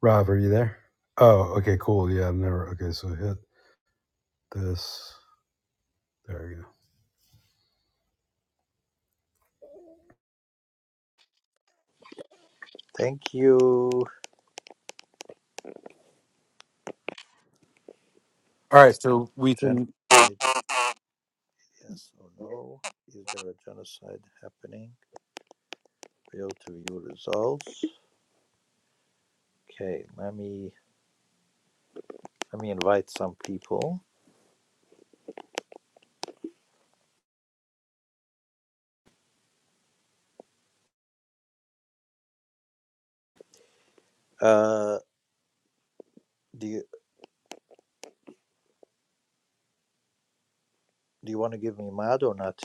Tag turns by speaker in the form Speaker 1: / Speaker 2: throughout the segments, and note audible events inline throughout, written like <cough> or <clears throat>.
Speaker 1: Rob, are you there? Oh, okay, cool. Yeah, I've never. Okay, so hit this. There you go.
Speaker 2: Thank you.
Speaker 1: All right, so we
Speaker 2: Genocide,
Speaker 1: can.
Speaker 2: yes or no? Is there a genocide happening? Fail to view results. Okay, let me let me invite some people. Uh, do you do you want to give me mad or not,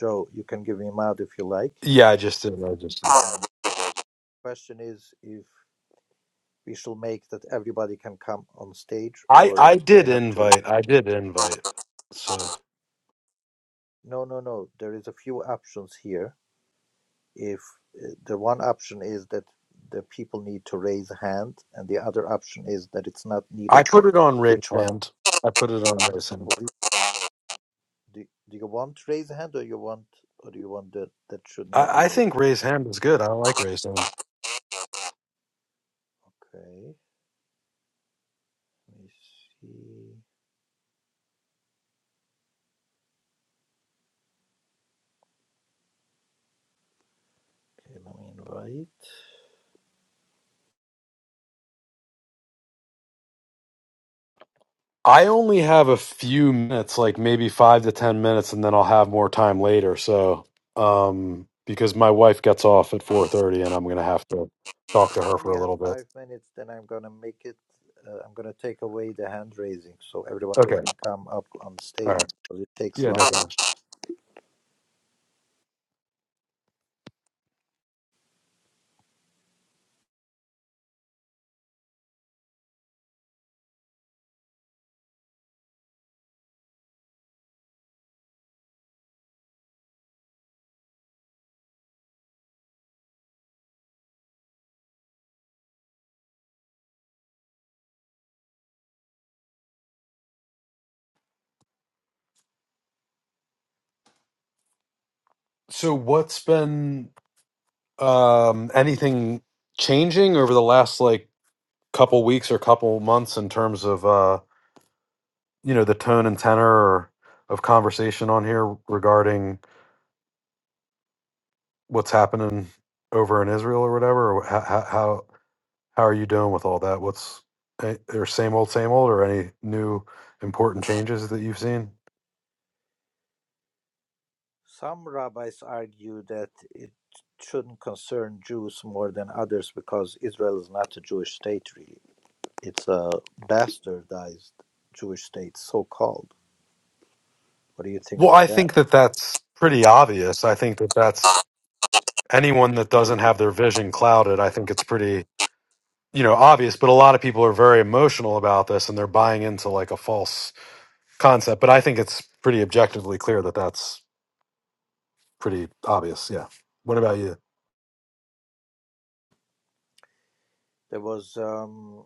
Speaker 2: Joe? You can give me mad if you like.
Speaker 1: Yeah, I just did. I just did.
Speaker 2: Question is if we shall make that everybody can come on stage
Speaker 1: I
Speaker 2: or
Speaker 1: I
Speaker 2: they
Speaker 1: did
Speaker 2: have to. Re-
Speaker 1: invite. I did invite. So
Speaker 2: no, no, no. There is a few options here. if uh, the one option is that the people need to raise a hand and the other option is that it's not
Speaker 1: I
Speaker 2: needed
Speaker 1: put it on raise
Speaker 2: which one
Speaker 1: hand. I put it on raise hand.
Speaker 2: what is- do, do you want to raise a hand or you want or do you want that that should not be
Speaker 1: I, I think
Speaker 2: needed
Speaker 1: raise hand is good. I like raise hand.
Speaker 2: okay let me see okay let me invite you
Speaker 1: I only have a few minutes, like maybe five to ten minutes, and then I'll have more time later. So, um, because my wife gets off at four thirty, and I'm gonna have to talk to her for
Speaker 2: only
Speaker 1: a
Speaker 2: have
Speaker 1: little bit.
Speaker 2: five minutes then i'm gonna make it uh, i'm gonna take away the hand raising so everyone
Speaker 1: Okay.
Speaker 2: can come up on
Speaker 1: All right.
Speaker 2: stage because it takes
Speaker 1: Yeah,
Speaker 2: long
Speaker 1: no problem. So, what's been um, anything changing over the last like couple weeks or couple months in terms of uh, you know the tone and tenor of conversation on here regarding what's happening over in Israel or whatever? Or how how how how are you doing with all that? What's eh, or same old, same old, or any new important changes that you've seen?
Speaker 2: Some rabbis argue that it shouldn't concern Jews more than others because Israel is not a Jewish state, really. It's a bastardized Jewish state, so called. What do you think
Speaker 1: Well,
Speaker 2: about
Speaker 1: I
Speaker 2: that?
Speaker 1: think that that's pretty obvious. I think that that's anyone that doesn't have their vision clouded. I think it's pretty you know obvious but a lot of people are very emotional about this and they're buying into like a false concept but i think it's pretty objectively clear that that's pretty obvious yeah what about you
Speaker 2: There was um,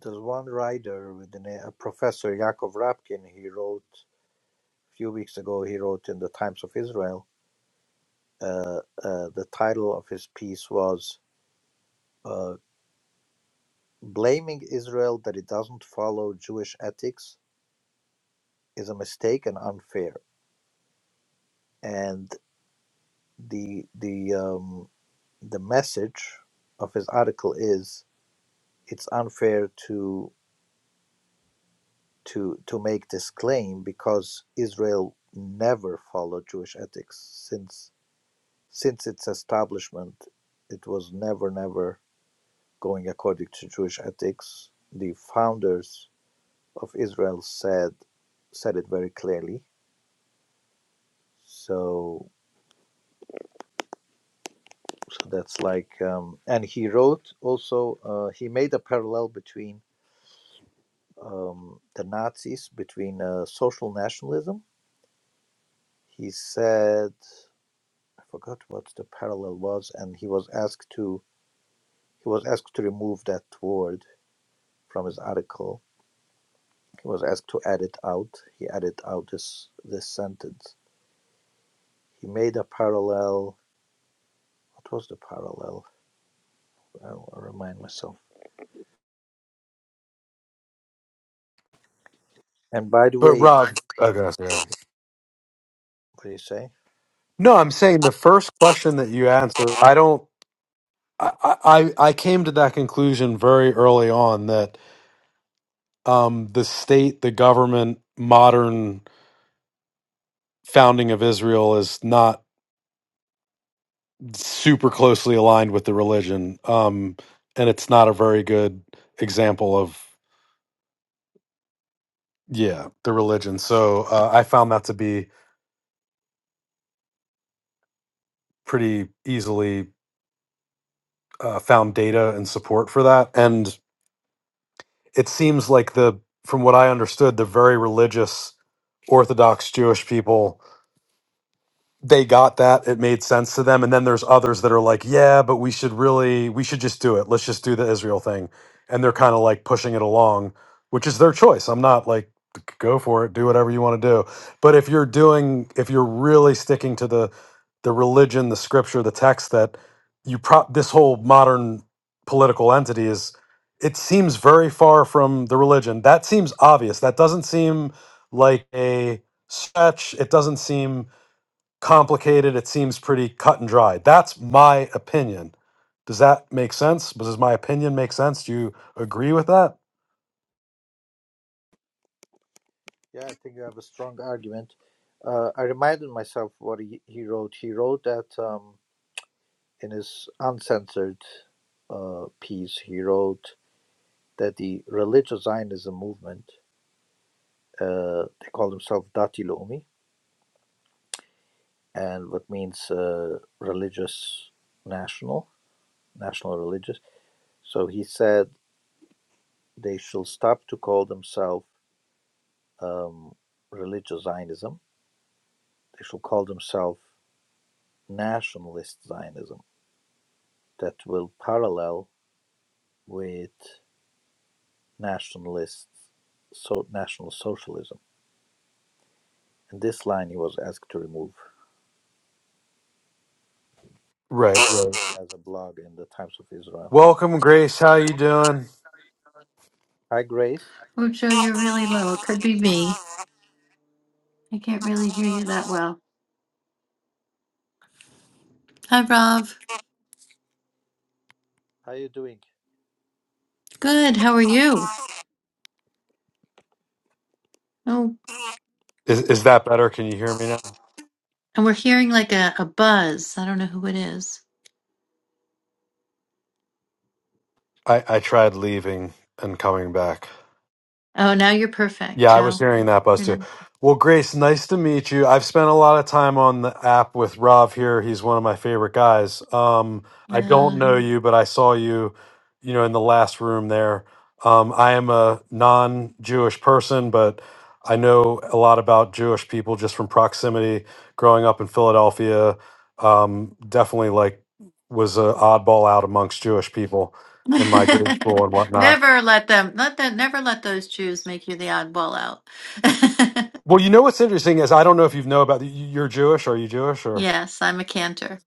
Speaker 2: there's one writer with the name a Professor Yaakov Rapkin. He wrote a few weeks ago. He wrote in the Times of Israel. Uh, uh, the title of his piece was uh, "Blaming Israel that it doesn't follow Jewish ethics is a mistake and unfair." and the the um, the message of his article is it's unfair to to to make this claim because Israel never followed Jewish ethics since since its establishment it was never never going according to Jewish ethics the founders of Israel said said it very clearly so so that's like um, and he wrote also uh, he made a parallel between um, the Nazis between uh, social nationalism. He said, I forgot what the parallel was, and he was asked to he was asked to remove that word from his article. He was asked to add it out. He added out this this sentence. He made a parallel. What was the parallel? I'll remind myself. And by the
Speaker 1: but
Speaker 2: way,
Speaker 1: rob okay yeah.
Speaker 2: what do you say?
Speaker 1: no i'm saying the first question that you answered i don't i i, I came to that conclusion very early on that um the state the government modern founding of israel is not super closely aligned with the religion um and it's not a very good example of yeah the religion so uh, i found that to be pretty easily uh, found data and support for that and it seems like the from what i understood the very religious orthodox jewish people they got that it made sense to them and then there's others that are like yeah but we should really we should just do it let's just do the israel thing and they're kind of like pushing it along which is their choice i'm not like go for it do whatever you want to do but if you're doing if you're really sticking to the the religion the scripture the text that you prop this whole modern political entity is it seems very far from the religion that seems obvious that doesn't seem like a stretch it doesn't seem complicated. It seems pretty cut and dry. That's my opinion. Does that make sense? Does my opinion make sense? Do you agree with that?
Speaker 2: Yeah, I think you have a strong argument. Uh, I reminded myself what he, he wrote. He wrote that. Um, In his uncensored uh, piece, he wrote that the religious Zionism movement, uh, they call themselves Dati Lomi, and what means uh, religious national, national religious. So he said they shall stop to call themselves um, religious Zionism. They shall call themselves nationalist Zionism that will parallel with nationalist so national socialism And this line he was asked to remove.
Speaker 1: Right, right.
Speaker 2: He has a blog in the Times of Israel.
Speaker 1: Welcome, Grace. How you doing?
Speaker 2: Hi, Grace.
Speaker 3: Oh, Joe, you're
Speaker 2: How
Speaker 3: really low. could be me. I can't really hear you that well. Hi, Rob.
Speaker 2: are you doing?
Speaker 3: Good. How are you? Oh,
Speaker 1: Is is that better? Can you hear me now?
Speaker 3: and we're hearing like a, a buzz. I don't know who it is.
Speaker 1: I, I tried leaving and coming back.
Speaker 3: Oh, now you're perfect,
Speaker 1: Yeah, I was
Speaker 3: Joe.
Speaker 1: hearing that, Buzz,
Speaker 3: You're
Speaker 1: too.
Speaker 3: not.
Speaker 1: Well, Grace, nice to meet you. I've spent a lot of time on the app with Rob here. He's one of my favorite guys. Um, I don't
Speaker 3: No.
Speaker 1: know you, but I saw you, you know, in the last room there. Um, I am a non-Jewish person, but I know a lot about Jewish people just from proximity. Growing up in Philadelphia, um, definitely like was an oddball out amongst Jewish people in my grade school and
Speaker 3: <laughs>
Speaker 1: whatnot.
Speaker 3: never let them. Let them. Never let those Jews make you the oddball out.
Speaker 1: Well, you know what's interesting is I don't know if you know about you're Jewish. Are you Jewish
Speaker 3: <laughs>
Speaker 1: or
Speaker 3: yes, I'm a cantor.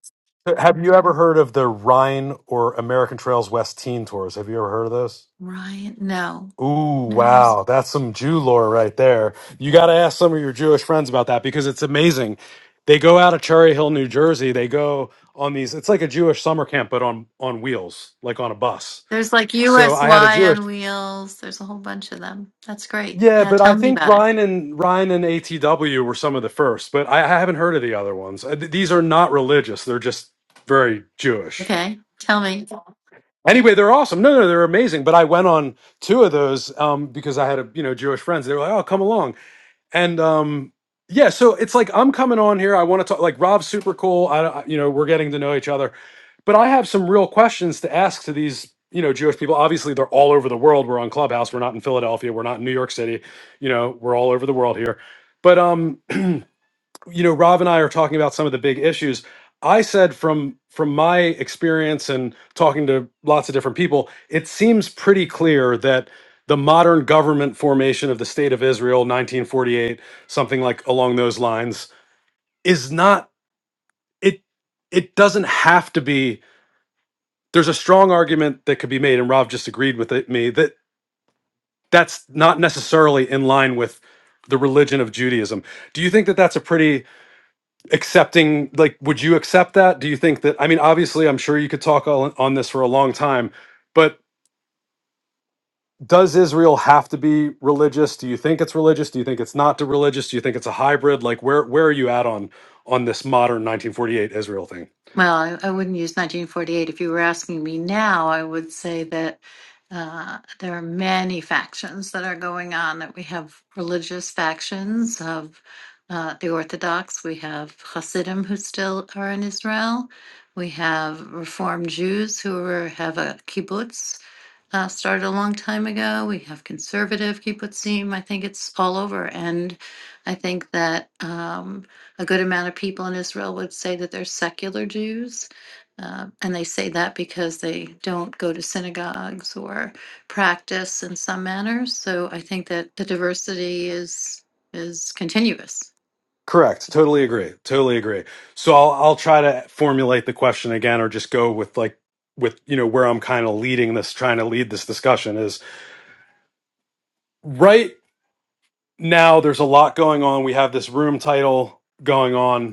Speaker 1: have you ever heard of the Rhine or American Trails West Teen Tours? Have you ever heard of those?
Speaker 3: Ryan, no,
Speaker 1: Ooh,
Speaker 3: no. I'm s-
Speaker 1: wow, that's some Jew lore right there. You got to ask some of your Jewish friends about that because it's amazing. They go out of Cherry Hill, New Jersey. They go on these. It's like a Jewish summer camp, but on on wheels, like on a bus.
Speaker 3: There's like
Speaker 1: So I had a Jewish
Speaker 3: USY on wheels. There's a whole bunch of them. That's great.
Speaker 1: Yeah,
Speaker 3: Yeah,
Speaker 1: but I
Speaker 3: tell me
Speaker 1: think
Speaker 3: about it.
Speaker 1: Ryan and Ryan and ATW were some of the first, but I, I haven't heard of the other ones. Uh, th- These are not religious; they're just very Jewish.
Speaker 3: Okay, tell me.
Speaker 1: Anyway, they're awesome. No, no, they're amazing. But I went on two of those um, because I had a you know Jewish friends. They were like, "Oh, come along," and um yeah so it's like i'm coming on here i want to talk like rob's super cool I, I- you know we're getting to know each other but i have some real questions to ask to these you know jewish people obviously they're all over the world we're on clubhouse we're not in philadelphia we're not in new york city you know we're all over the world here but um you know rob and i are talking about some of the big issues i said from from my experience and talking to lots of different people it seems pretty clear that the modern government formation of the state of israel 1948 something like along those lines is not it it doesn't have to be there's a strong argument that could be made and rob just agreed with it, me that that's not necessarily in line with the religion of judaism do you think that that's a pretty accepting like would you accept that do you think that i mean obviously i'm sure you could talk on, on this for a long time but does israel have to be religious do you think it's religious do you think it's not to religious do you think it's a hybrid like where where are you at on on this modern 1948 israel thing
Speaker 3: Well, I, I wouldn't use 1948. If you were asking me now, I would say that uh, there are many factions that are going on, that we have religious factions of uh, the Orthodox, we have Hasidim who still are in Israel, we have Reform Jews who are, have a kibbutz uh, started a long time ago. We have conservative kibbutzim. I think it's all over. And I think that um, a good amount of people in Israel would say that they're secular Jews. Uh, and they say that because they don't go to synagogues or practice in some manner. So I think that the diversity is is continuous.
Speaker 1: correct totally agree totally agree so i'll i'll try to formulate the question again or just go with like with you know where i'm kind of leading this trying to lead this discussion is right now there's a lot going on we have this room title going on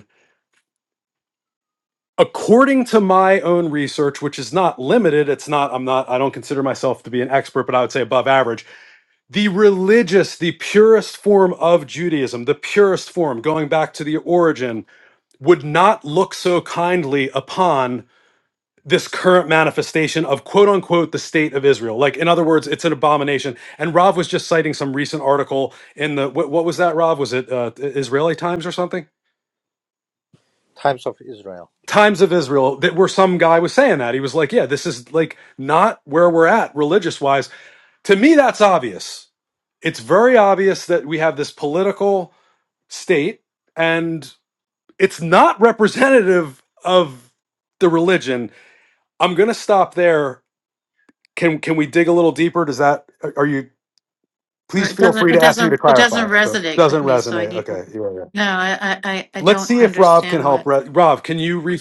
Speaker 1: according to my own research which is not limited it's not i'm not i don't consider myself to be an expert but i would say above average the religious the purest form of judaism the purest form going back to the origin would not look so kindly upon this current manifestation of quote unquote the state of israel like in other words it's an abomination and rav was just citing some recent article in the what, what was that rav was it uh, israeli times or something
Speaker 2: Times of Israel.
Speaker 1: Times of Israel that where some guy was saying that. He was like, yeah, this is like not where we're at religious wise. To me, that's obvious. It's very obvious that we have this political state and it's not representative of the religion. I'm going to stop there. Can can we dig a little deeper? Does that are you
Speaker 3: Or
Speaker 1: please
Speaker 3: It
Speaker 1: feel
Speaker 3: doesn't.
Speaker 1: free
Speaker 3: It
Speaker 1: to ask me to
Speaker 3: doesn't. It
Speaker 1: clarify.
Speaker 3: doesn't
Speaker 1: But it
Speaker 3: resonate with
Speaker 1: doesn't
Speaker 3: me. So I
Speaker 1: resonate.
Speaker 3: need.
Speaker 1: Okay, here we go.
Speaker 3: No, I. I. I I
Speaker 1: Let's
Speaker 3: don't
Speaker 1: see if Rob can
Speaker 3: understand
Speaker 1: help.
Speaker 3: what.
Speaker 1: Re- Rob, can you re-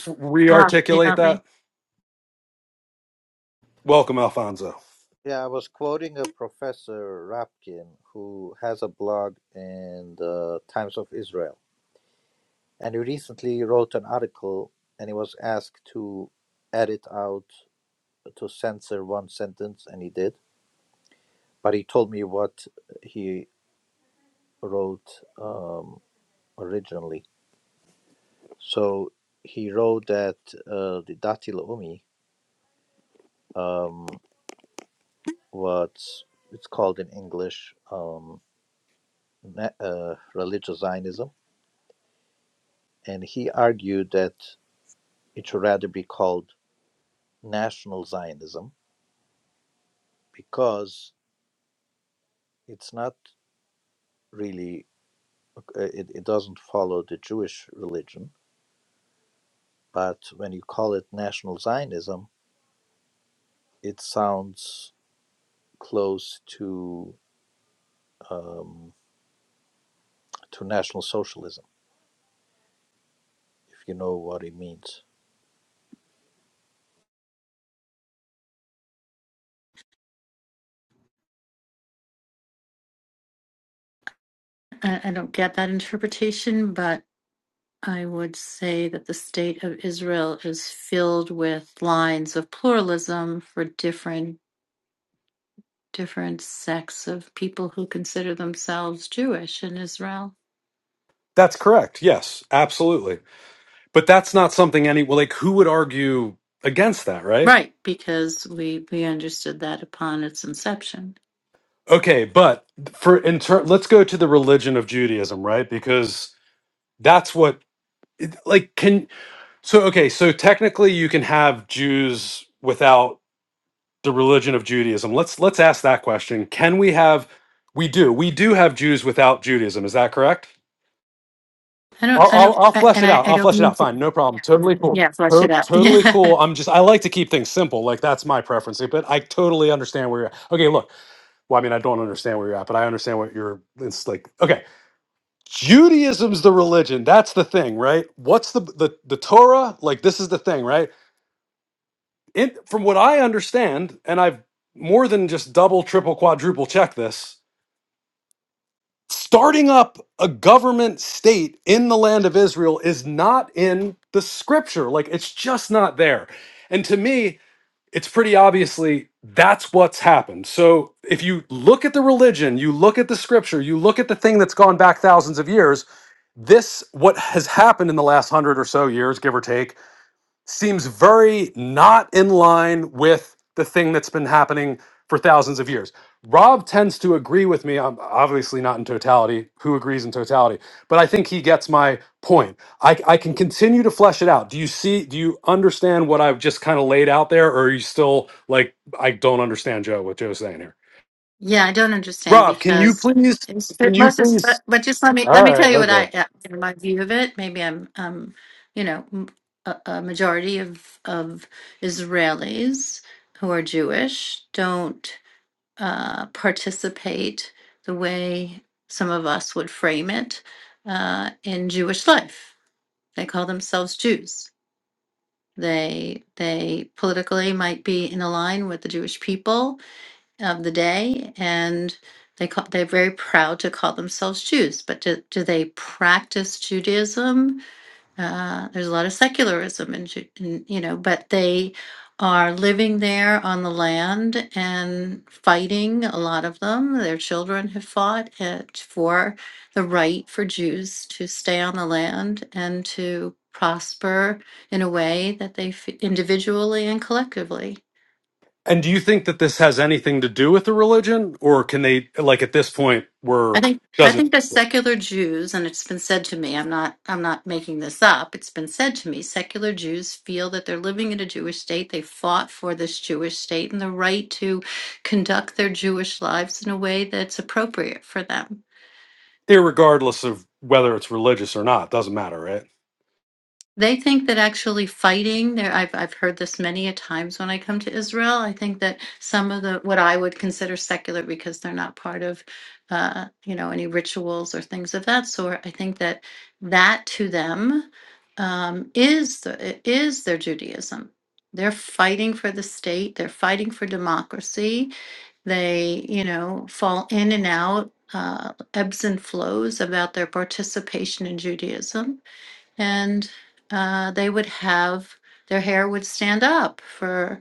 Speaker 3: Rob, can you
Speaker 1: re-articulate
Speaker 3: help me?
Speaker 1: that? Welcome, Alfonso.
Speaker 2: Yeah, I was quoting a professor Rapkin who has a blog in the Times of Israel, and he recently wrote an article, and he was asked to edit out to censor one sentence, and he did. But he told me what he wrote um, originally. So he wrote that uh, the Datil Umi, um, what's it's called in English, um, na- uh, religious Zionism, and he argued that it should rather be called national Zionism because it's not really uh, it, it doesn't follow the Jewish religion, but when you call it national Zionism, it sounds close to um, to national socialism, if you know what it means
Speaker 3: I, I don't get that interpretation, but I would say that the state of Israel is filled with lines of pluralism for different different sects of people who consider themselves Jewish in Israel.
Speaker 1: That's correct. Yes, absolutely. But that's not something any well, like who would argue against that, right?
Speaker 3: Right, because we we understood that upon its inception.
Speaker 1: Okay, but for in turn, let's go to the religion of Judaism, right? Because that's what it- like can so okay, so technically you can have Jews without the religion of Judaism. Let's let's ask that question. Can we have we do. We do have Jews without Judaism. Is that correct?
Speaker 3: I don't
Speaker 1: I'll,
Speaker 3: I
Speaker 1: I'll,
Speaker 3: don't
Speaker 1: I'll
Speaker 3: I,
Speaker 1: flesh
Speaker 3: and
Speaker 1: it
Speaker 3: I,
Speaker 1: out.
Speaker 3: I
Speaker 1: I'll
Speaker 3: don't
Speaker 1: flesh it
Speaker 3: mean
Speaker 1: out.
Speaker 3: to
Speaker 1: Fine, no problem. Totally cool.
Speaker 3: yeah, flesh it
Speaker 1: To-
Speaker 3: out. <laughs>
Speaker 1: totally
Speaker 3: Yeah.
Speaker 1: cool. I'm just I like to keep things simple. Like that's my preference. But I totally understand where you're. At. Okay, look. Well, I mean, I don't understand where you're at, but I understand what you're. It's like okay, Judaism's the religion. That's the thing, right? What's the the the Torah? Like this is the thing, right? In, from what I understand, and I've more than just double, triple, quadruple check this. starting up a government state in the land of Israel is not in the scripture. Like it's just not there. And to me, it's pretty obviously that's what's happened. So if you look at the religion, you look at the scripture, you look at the thing that's gone back thousands of years, this what has happened in the last 100 or so years, give or take, seems very not in line with the thing that's been happening for thousands of years. Rob tends to agree with me, I'm obviously not in totality. Who agrees in totality? But I think he gets my point. I, I can continue to flesh it out. Do you see, do you understand what I've just kind of laid out there? Or are you still like, I don't understand Joe, what Joe's saying here?
Speaker 3: Yeah, I don't understand
Speaker 1: Rob, can you
Speaker 3: because
Speaker 1: please,
Speaker 3: it's,
Speaker 1: can
Speaker 3: it
Speaker 1: you
Speaker 3: must have,
Speaker 1: please?
Speaker 3: but, but just let me let
Speaker 1: All
Speaker 3: me tell
Speaker 1: right,
Speaker 3: you what
Speaker 1: okay.
Speaker 3: I uh, in my view of it. Maybe I'm um you know m- a, a majority of of Israelis who are Jewish don't uh, participate the way some of us would frame it uh, in Jewish life. They call themselves Jews. They they politically might be in line with the Jewish people of the day, and they call, they're very proud to call themselves Jews. But do, do they practice Judaism? Uh, there's a lot of secularism in, Ju- in, you know, but they are living there on the land and fighting. A lot of them, their children have fought it for the right for Jews to stay on the land and to prosper in a way that they f- individually and collectively.
Speaker 1: And do you think that this has anything to do with the religion, or can they like at this point we're
Speaker 3: I think I
Speaker 1: doesn't
Speaker 3: think the secular Jews, and it's been said to me, I'm not I'm not making this up. It's been said to me, secular Jews feel that they're living in a Jewish state. They fought for this Jewish state and the right to conduct their Jewish lives in a way that's appropriate for them.
Speaker 1: irregardless of whether it's religious or not, doesn't matter, right?
Speaker 3: They think that actually fighting there, I've I've heard this many a times when I come to Israel. I think that some of the what I would consider secular because they're not part of, uh, you know, any rituals or things of that sort. I think that that to them um, is the, is their Judaism. They're fighting for the state. They're fighting for democracy. They, you know, fall in and out, uh, ebbs and flows about their participation in Judaism and uh, they would have their hair would stand up for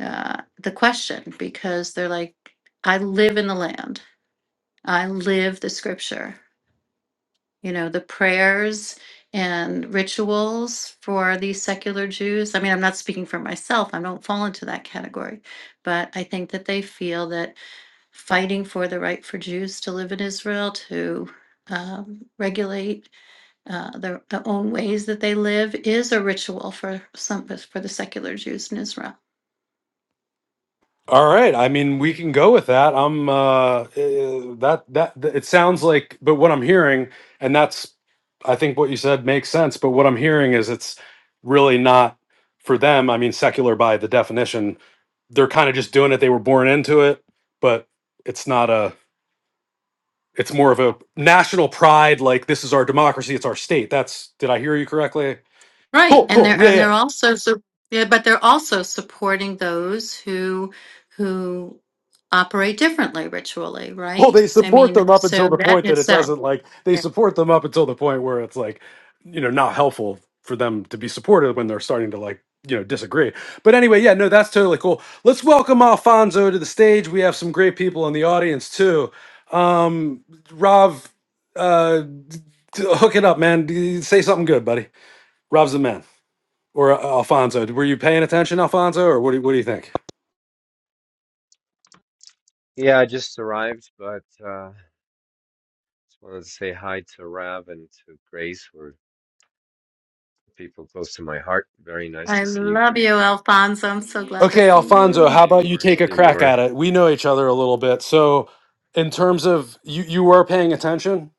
Speaker 3: uh, the question because they're like, I live in the land, I live the scripture. You know, the prayers and rituals for these secular Jews. I mean, I'm not speaking for myself, I don't fall into that category, but I think that they feel that fighting for the right for Jews to live in Israel, to um, regulate uh, their their own ways that they live is a ritual for some for the secular Jews in Israel.
Speaker 1: All right. I mean, we can go with that. I'm uh eh, that that th- it sounds like but what I'm hearing and that's I think what you said makes sense, but what I'm hearing is it's really not for them. I mean, secular by the definition, they're kind of just doing it. They were born into it, but it's not a it's more of a national pride like this is our democracy it's our state that's did i hear you correctly
Speaker 3: Right,
Speaker 1: cool
Speaker 3: and
Speaker 1: cool
Speaker 3: they're
Speaker 1: yeah
Speaker 3: and they're
Speaker 1: yeah
Speaker 3: also so yeah, but they're also supporting those who who operate differently ritually,
Speaker 1: well
Speaker 3: right?
Speaker 1: they
Speaker 3: I
Speaker 1: support them
Speaker 3: mean,
Speaker 1: up until
Speaker 3: so
Speaker 1: the
Speaker 3: that
Speaker 1: point
Speaker 3: in
Speaker 1: that it
Speaker 3: itself.
Speaker 1: doesn't like they
Speaker 3: yeah.
Speaker 1: support them up until the point where it's like you know not helpful for them to be supported when they're starting to like you know disagree but anyway yeah no that's totally cool let's welcome alfonso to the stage we have some great people in the audience too um rav uh d- hook it up man D- say something good buddy Rob's the man or uh, Alfonso. Were you paying attention, Alfonso, or what do, what do you think?
Speaker 4: Yeah, I just arrived, but uh, just wanted to say hi to Rav and to Grace, who are people close to my heart. Very nice
Speaker 3: I
Speaker 4: to see you
Speaker 3: love you,
Speaker 4: guys.
Speaker 3: Alfonso. I'm so glad to
Speaker 1: Okay,
Speaker 3: see
Speaker 1: Alfonso,
Speaker 3: you.
Speaker 1: how about you
Speaker 4: I
Speaker 1: take
Speaker 4: love
Speaker 1: a
Speaker 4: you
Speaker 1: crack
Speaker 4: more.
Speaker 1: at it? We know each other a little bit. So, in terms of you, you were paying attention?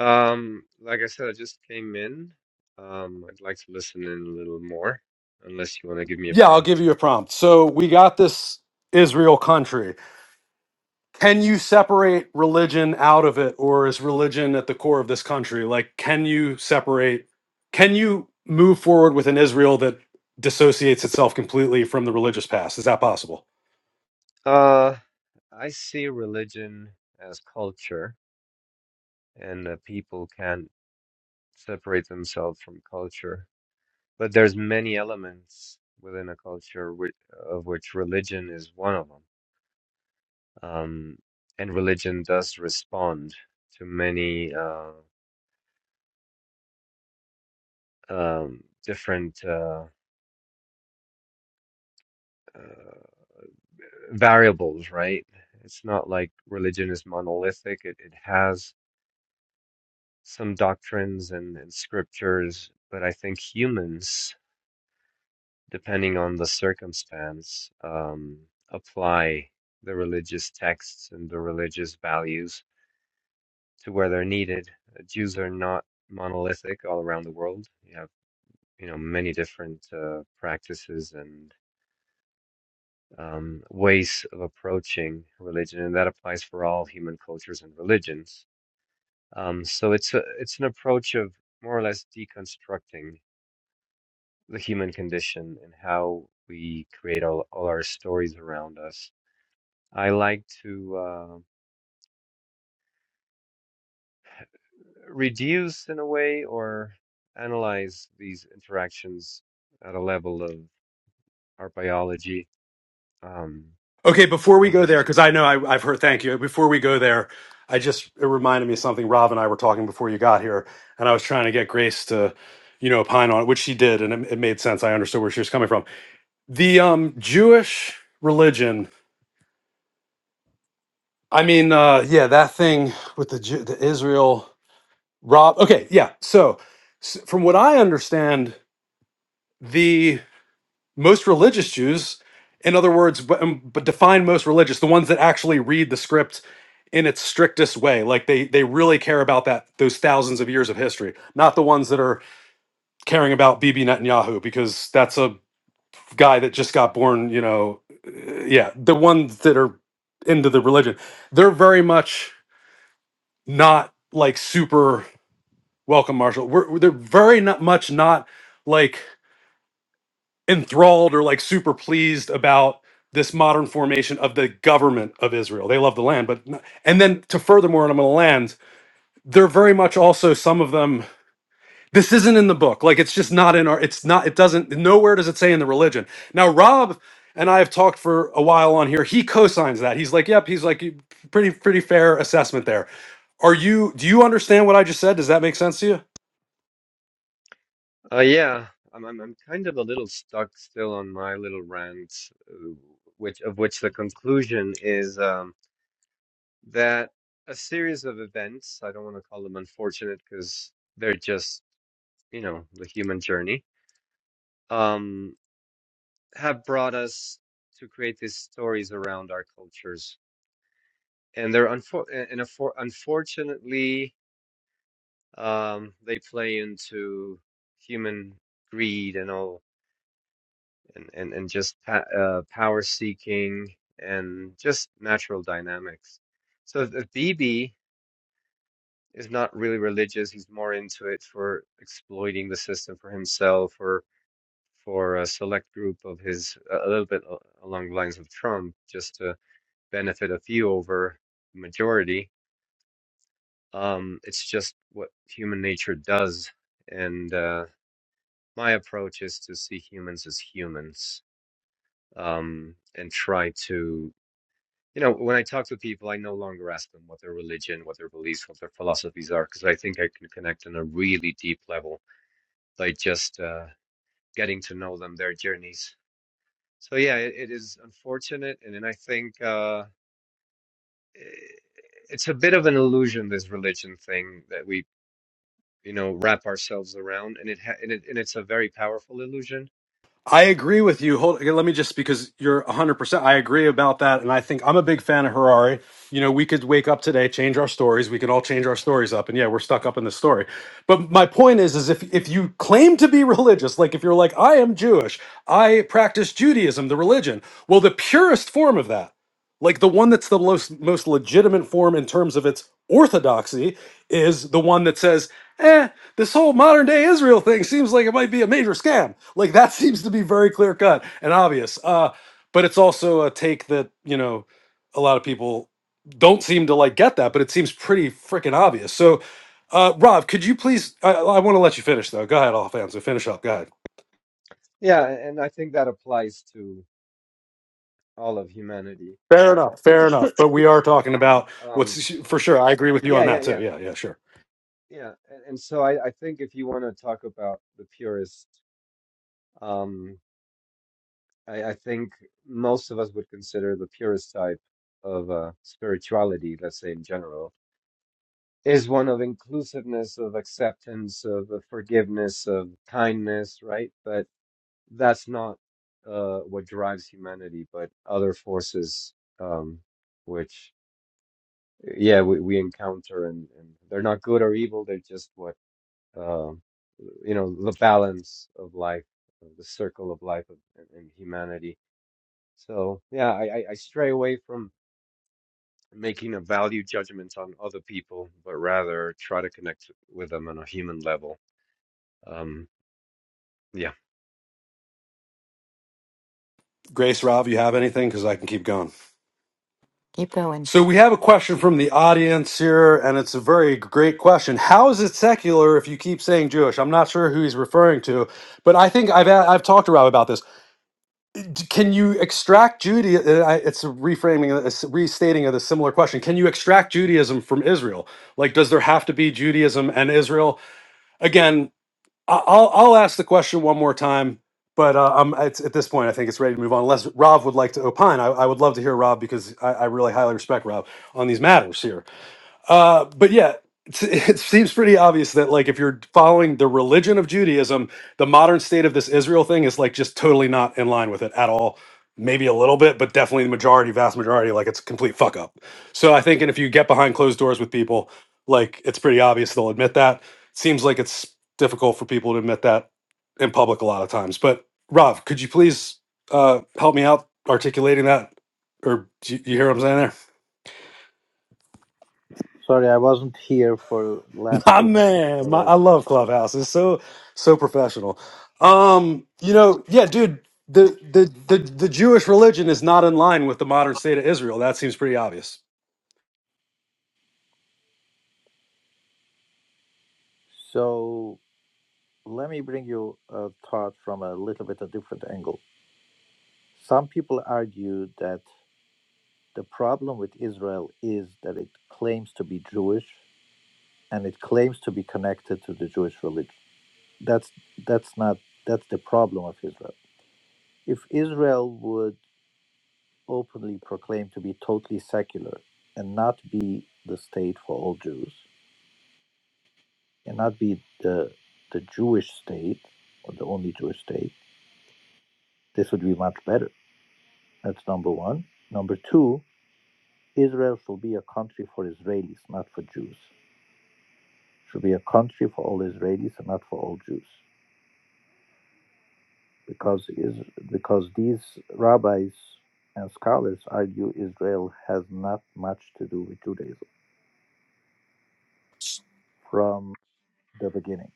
Speaker 4: Um, like I said, I just came in. Um, I'd like to listen in a little more, unless you want to give me a
Speaker 1: Yeah, I'll give
Speaker 4: prompt.
Speaker 1: you a prompt. So, we got this Israel country. Can you separate religion out of it, or is religion at the core of this country? Like, can you separate, can you move forward with an Israel that dissociates itself completely from the religious past? Is that possible?
Speaker 4: Uh, I see religion as culture, and uh, people can separate themselves from culture. But there's many elements within a culture, whi- of which religion is one of them um, and religion does respond to many uh, um, different uh, uh, variables, right? It's not like religion is monolithic. It, it has some doctrines and, and scriptures, but I think humans, depending on the circumstance, um, apply the religious texts and the religious values to where they're needed. Uh, Jews are not monolithic all around the world. You have you know many different uh, practices and um, ways of approaching religion, and that applies for all human cultures and religions. Um, so it's a it's an approach of more or less deconstructing the human condition and how we create all, all our stories around us. I like to uh, reduce in a way or analyze these interactions at a level of our biology um,
Speaker 1: Okay, before we
Speaker 4: and
Speaker 1: go
Speaker 4: just
Speaker 1: there, because I know I, I've heard. Thank you. Before we go there, I just it reminded me of something Rob and I were talking before you got here, and I was trying to get Grace to, you know, opine on it, which she did, and it, it made sense. I understood where she was coming from. The um, Jewish religion. I mean, uh, yeah, that thing with the Ju- the Israel Rob. Okay, yeah. So, s from what I understand, most religious Jews, in other words, but um, but define most religious, the ones that actually read the script in its strictest way, like they they really care about that those thousands of years of history, not the ones that are caring about Bibi Netanyahu because that's a guy that just got born, you know, uh, yeah, the ones that are into the religion, they're very much not like super welcome Marshall. We're, we're- they're very not much not like enthralled or like super pleased about this modern formation of the government of Israel. They love the land, but n- and then to furthermore, and I'm going to land. They're very much also some of them. This isn't in the book. Like it's just not in our. It's not. It doesn't. Nowhere does it say in the religion. Now, Rob and I have talked for a while on here. He co-signs that. He's like, yep. He's like, "You- pretty pretty fair assessment there. Are you? Do you understand what I just said? Does that make sense to you?
Speaker 4: Uh, yeah, I'm, I'm I'm kind of a little stuck still on my little rant, uh, which of which the conclusion is um, that a series of events, I don't want to call them unfortunate because they're just, you know, the human journey, um, have brought us to create these stories around our cultures. And they're unfor and and unfor unfortunately, um, they play into human greed and all and and and just pa uh, power seeking and just natural dynamics. So the BB is not really religious. He's more into it for exploiting the system for himself or for a select group of his, a a little bit a- along the lines of Trump, just to benefit a few over the majority. Um, it's just what human nature does. And uh, my approach is to see humans as humans um, and try to You know, when I talk to people, I no longer ask them what their religion, what their beliefs, what their philosophies are, because I think I can connect on a really deep level by just uh, getting to know them, their journeys. So yeah, it, it is unfortunate, and then I think uh, it's a bit of an illusion, this religion thing that we, you know, wrap ourselves around, and it, ha and it and it's a very powerful illusion.
Speaker 1: I agree with you. Hold, let me just because you're 100%. I agree about that. And I think I'm a big fan of Harari. You know, we could wake up today, change our stories. We could all change our stories up. And yeah, we're stuck up in the story. But my point is, is if, if you claim to be <laughs> religious, like if you're like, I am Jewish, I practice Judaism, the religion, well, the purest form of that, like the one that's the most, most legitimate form in terms of its orthodoxy, is the one that says, eh this whole modern day Israel thing seems like it might be a major scam. Like that <laughs> seems to be very clear cut and obvious. Uh, but it's also a take that you know a lot of people don't seem to like get that, but it seems pretty freaking obvious. So, uh, Rob, could you please? I, I want to let you finish though. Go ahead, all fans. Finish up. Go ahead.
Speaker 4: Yeah, and I think that applies to all of humanity.
Speaker 1: Fair enough.
Speaker 4: <coughs>
Speaker 1: Fair enough. But we are
Speaker 4: Sorry.
Speaker 1: talking about
Speaker 4: Um,
Speaker 1: what's for sure. I agree with you
Speaker 4: yeah,
Speaker 1: on
Speaker 4: yeah,
Speaker 1: that too.
Speaker 4: yeah.
Speaker 1: Yeah. Yeah. Sure.
Speaker 4: Yeah, and, and so I, I think if you want to talk about the purist, um, I, I think most of us would consider the purist type of uh, spirituality, let's say in general, is one of inclusiveness, of acceptance, of uh, forgiveness, of kindness, right? But that's not uh, what drives humanity, but other forces, um, which, yeah, we, we encounter, and, and they're not good or evil, they're just what uh, you know, the balance of life, uh, the circle of life of, and, and humanity. So yeah, I, I I stray away from making a value judgment on other people, but rather try to connect with them on a human level. Um, yeah,
Speaker 1: Grace, Rob, you have anything? Because I can keep going.
Speaker 3: Keep going.
Speaker 1: So we have a question from the audience here, and it's a very great question. How is it secular if you keep saying Jewish? I'm not sure who he's referring to, but I think I've I've talked to Rob about this. D- Can you extract Judaism? It's a reframing, it's a restating of the similar question. Can you extract Judaism from Israel? Like, does there have to be Judaism and Israel? Again, I- I'll I'll ask the question one more time, but uh, um, it's, at this point, I think it's ready to move on. Unless Rob would like to opine, I, I would love to hear Rob because I, I really highly respect Rob on these matters here. Uh, but yeah, it's, <laughs> it seems pretty obvious that like if you're following the religion of Judaism, the modern state of this Israel thing is like just totally not in line with it at all. Maybe a little bit, but definitely the majority, vast majority, like it's a complete fuck up. So I think, and if you get behind closed doors with people, like it's pretty obvious they'll admit that. Seems like it's difficult for people to admit that in public a lot of times. But Rob, could you please uh, help me out articulating that, or do you, you hear what I'm saying there?
Speaker 2: Sorry, I wasn't here for the last
Speaker 1: My
Speaker 2: two minutes. I
Speaker 1: man, my,
Speaker 2: was.
Speaker 1: I love Clubhouse. It's so so professional. Um, you know, yeah, dude, the, the the the Jewish religion is not in line with the modern state of Israel. That seems pretty obvious.
Speaker 2: So let me bring you a thought from a little bit a different angle. Some people argue that the problem with Israel is that it claims to be Jewish and it claims to be connected to the Jewish religion. That's that's not that's the problem of Israel. If Israel would openly proclaim to be totally secular and not be the state for all Jews, cannot be the the Jewish state or the only Jewish state. This would be much better. That's number one. Number two, Israel should be a country for Israelis, not for Jews. Should be a country for all Israelis and not for all Jews, because is because these rabbis and scholars argue Israel has not much to do with Judaism from the beginning.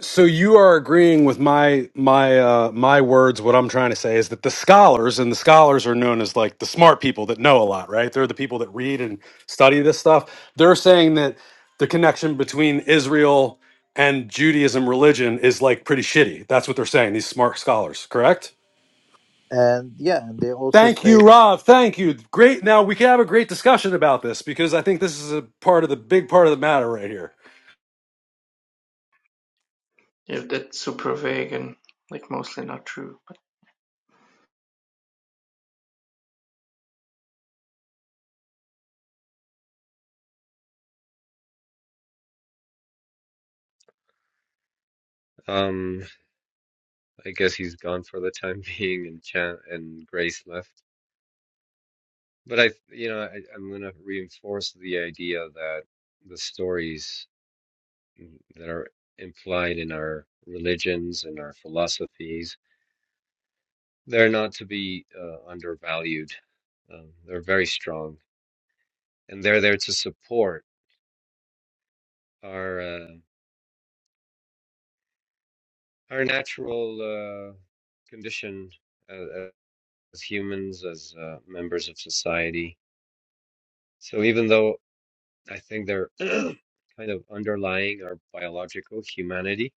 Speaker 1: So you are agreeing with my my uh my words. What I'm trying to say is that the scholars and the scholars are known as like the smart people that know a lot, right? They're the people that read and study this stuff. They're saying that the connection between Israel and Judaism religion is like pretty shitty. That's what they're saying, these smart scholars, correct?
Speaker 2: And yeah, and they also
Speaker 1: Thank
Speaker 2: say,
Speaker 1: you, Rob. Thank you. Great. Now we can have a great discussion about this because I think this is a part of the big part of the matter right here.
Speaker 5: Yeah, that's super vague and like mostly not true. But
Speaker 4: um, I guess he's gone for the time <laughs> being, and Chan and Grace left. But I, you know, I, I'm going to reinforce the idea that the stories that are implied in our religions and our philosophies They're not to be uh, undervalued. Um, they're very strong, and they're there to support our uh, our natural uh, condition as, as humans, as uh, members of society. So even though I think they're <clears throat> kind of underlying our biological humanity,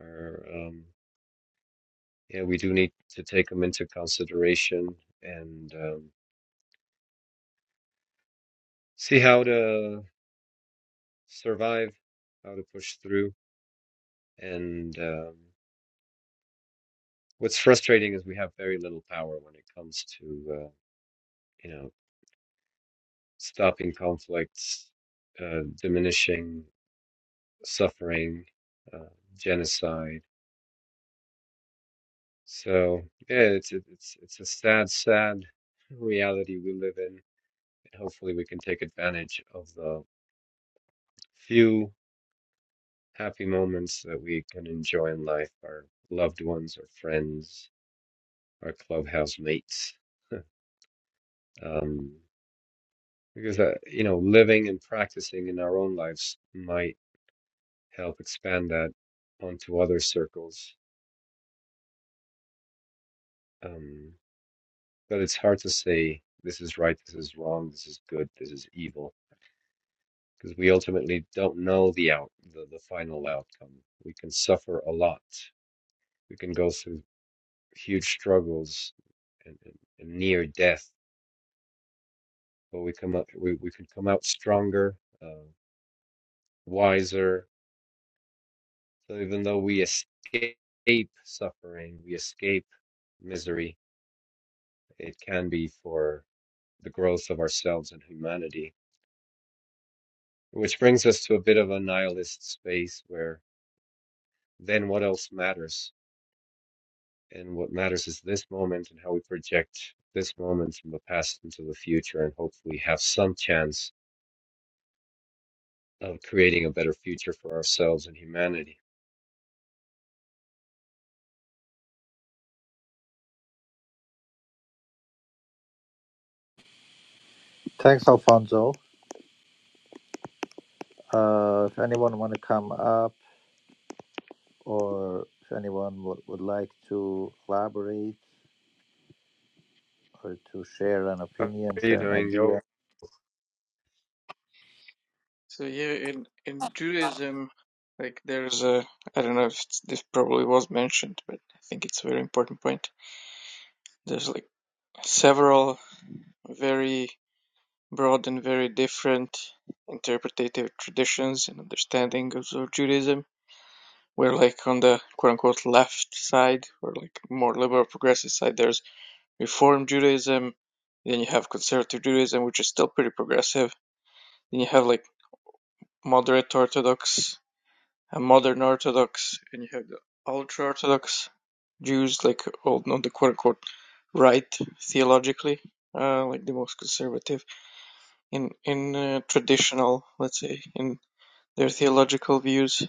Speaker 4: our um, yeah, we do need to take them into consideration and um, see how to survive, how to push through, and um, What's frustrating is we have very little power when it comes to, uh, you know, stopping conflicts, uh, diminishing suffering, uh, genocide. So yeah, it's it- it's it's a sad, sad reality we live in, and hopefully we can take advantage of the few happy moments that we can enjoy in life, our loved ones, our friends, our clubhouse mates. Um, because that, you know, living and practicing in our own lives might help expand that onto other circles. Um, but it's hard to say this is right, this is wrong, this is good, this is evil, because we ultimately don't know the out, the, the final outcome. We can suffer a lot. We can go through huge struggles and, and, and near death, but we come up, we, we can come out stronger, uh, wiser. So even though we escape escape suffering, we escape misery it can be for the growth of ourselves and humanity. Which brings us to a bit of a nihilist space where then what else matters? And what matters is this moment and how we project this moment from the past into the future and hopefully have some chance of creating a better future for ourselves and humanity.
Speaker 2: thanks, Alfonso. Uh, if anyone want to come up. or if anyone would, would like to collaborate or to share an
Speaker 4: How
Speaker 2: opinion,
Speaker 4: are you
Speaker 2: share an
Speaker 4: doing,
Speaker 2: idea.
Speaker 4: yo?
Speaker 5: So yeah, in in Judaism, like there's a I don't know if it's, this probably was mentioned, but I think it's a very important point. There's like several very broad and very different interpretative traditions and understanding of of Judaism. Where like on the quote unquote left side, or like more liberal progressive side, there's Reform Judaism. Then you have Conservative Judaism, which is still pretty progressive. Then you have like Moderate Orthodox and Modern Orthodox, and you have the ultra-Orthodox Jews, like well, not the quote unquote right theologically, uh, like the most conservative in in uh, traditional, let's say, in their theological views.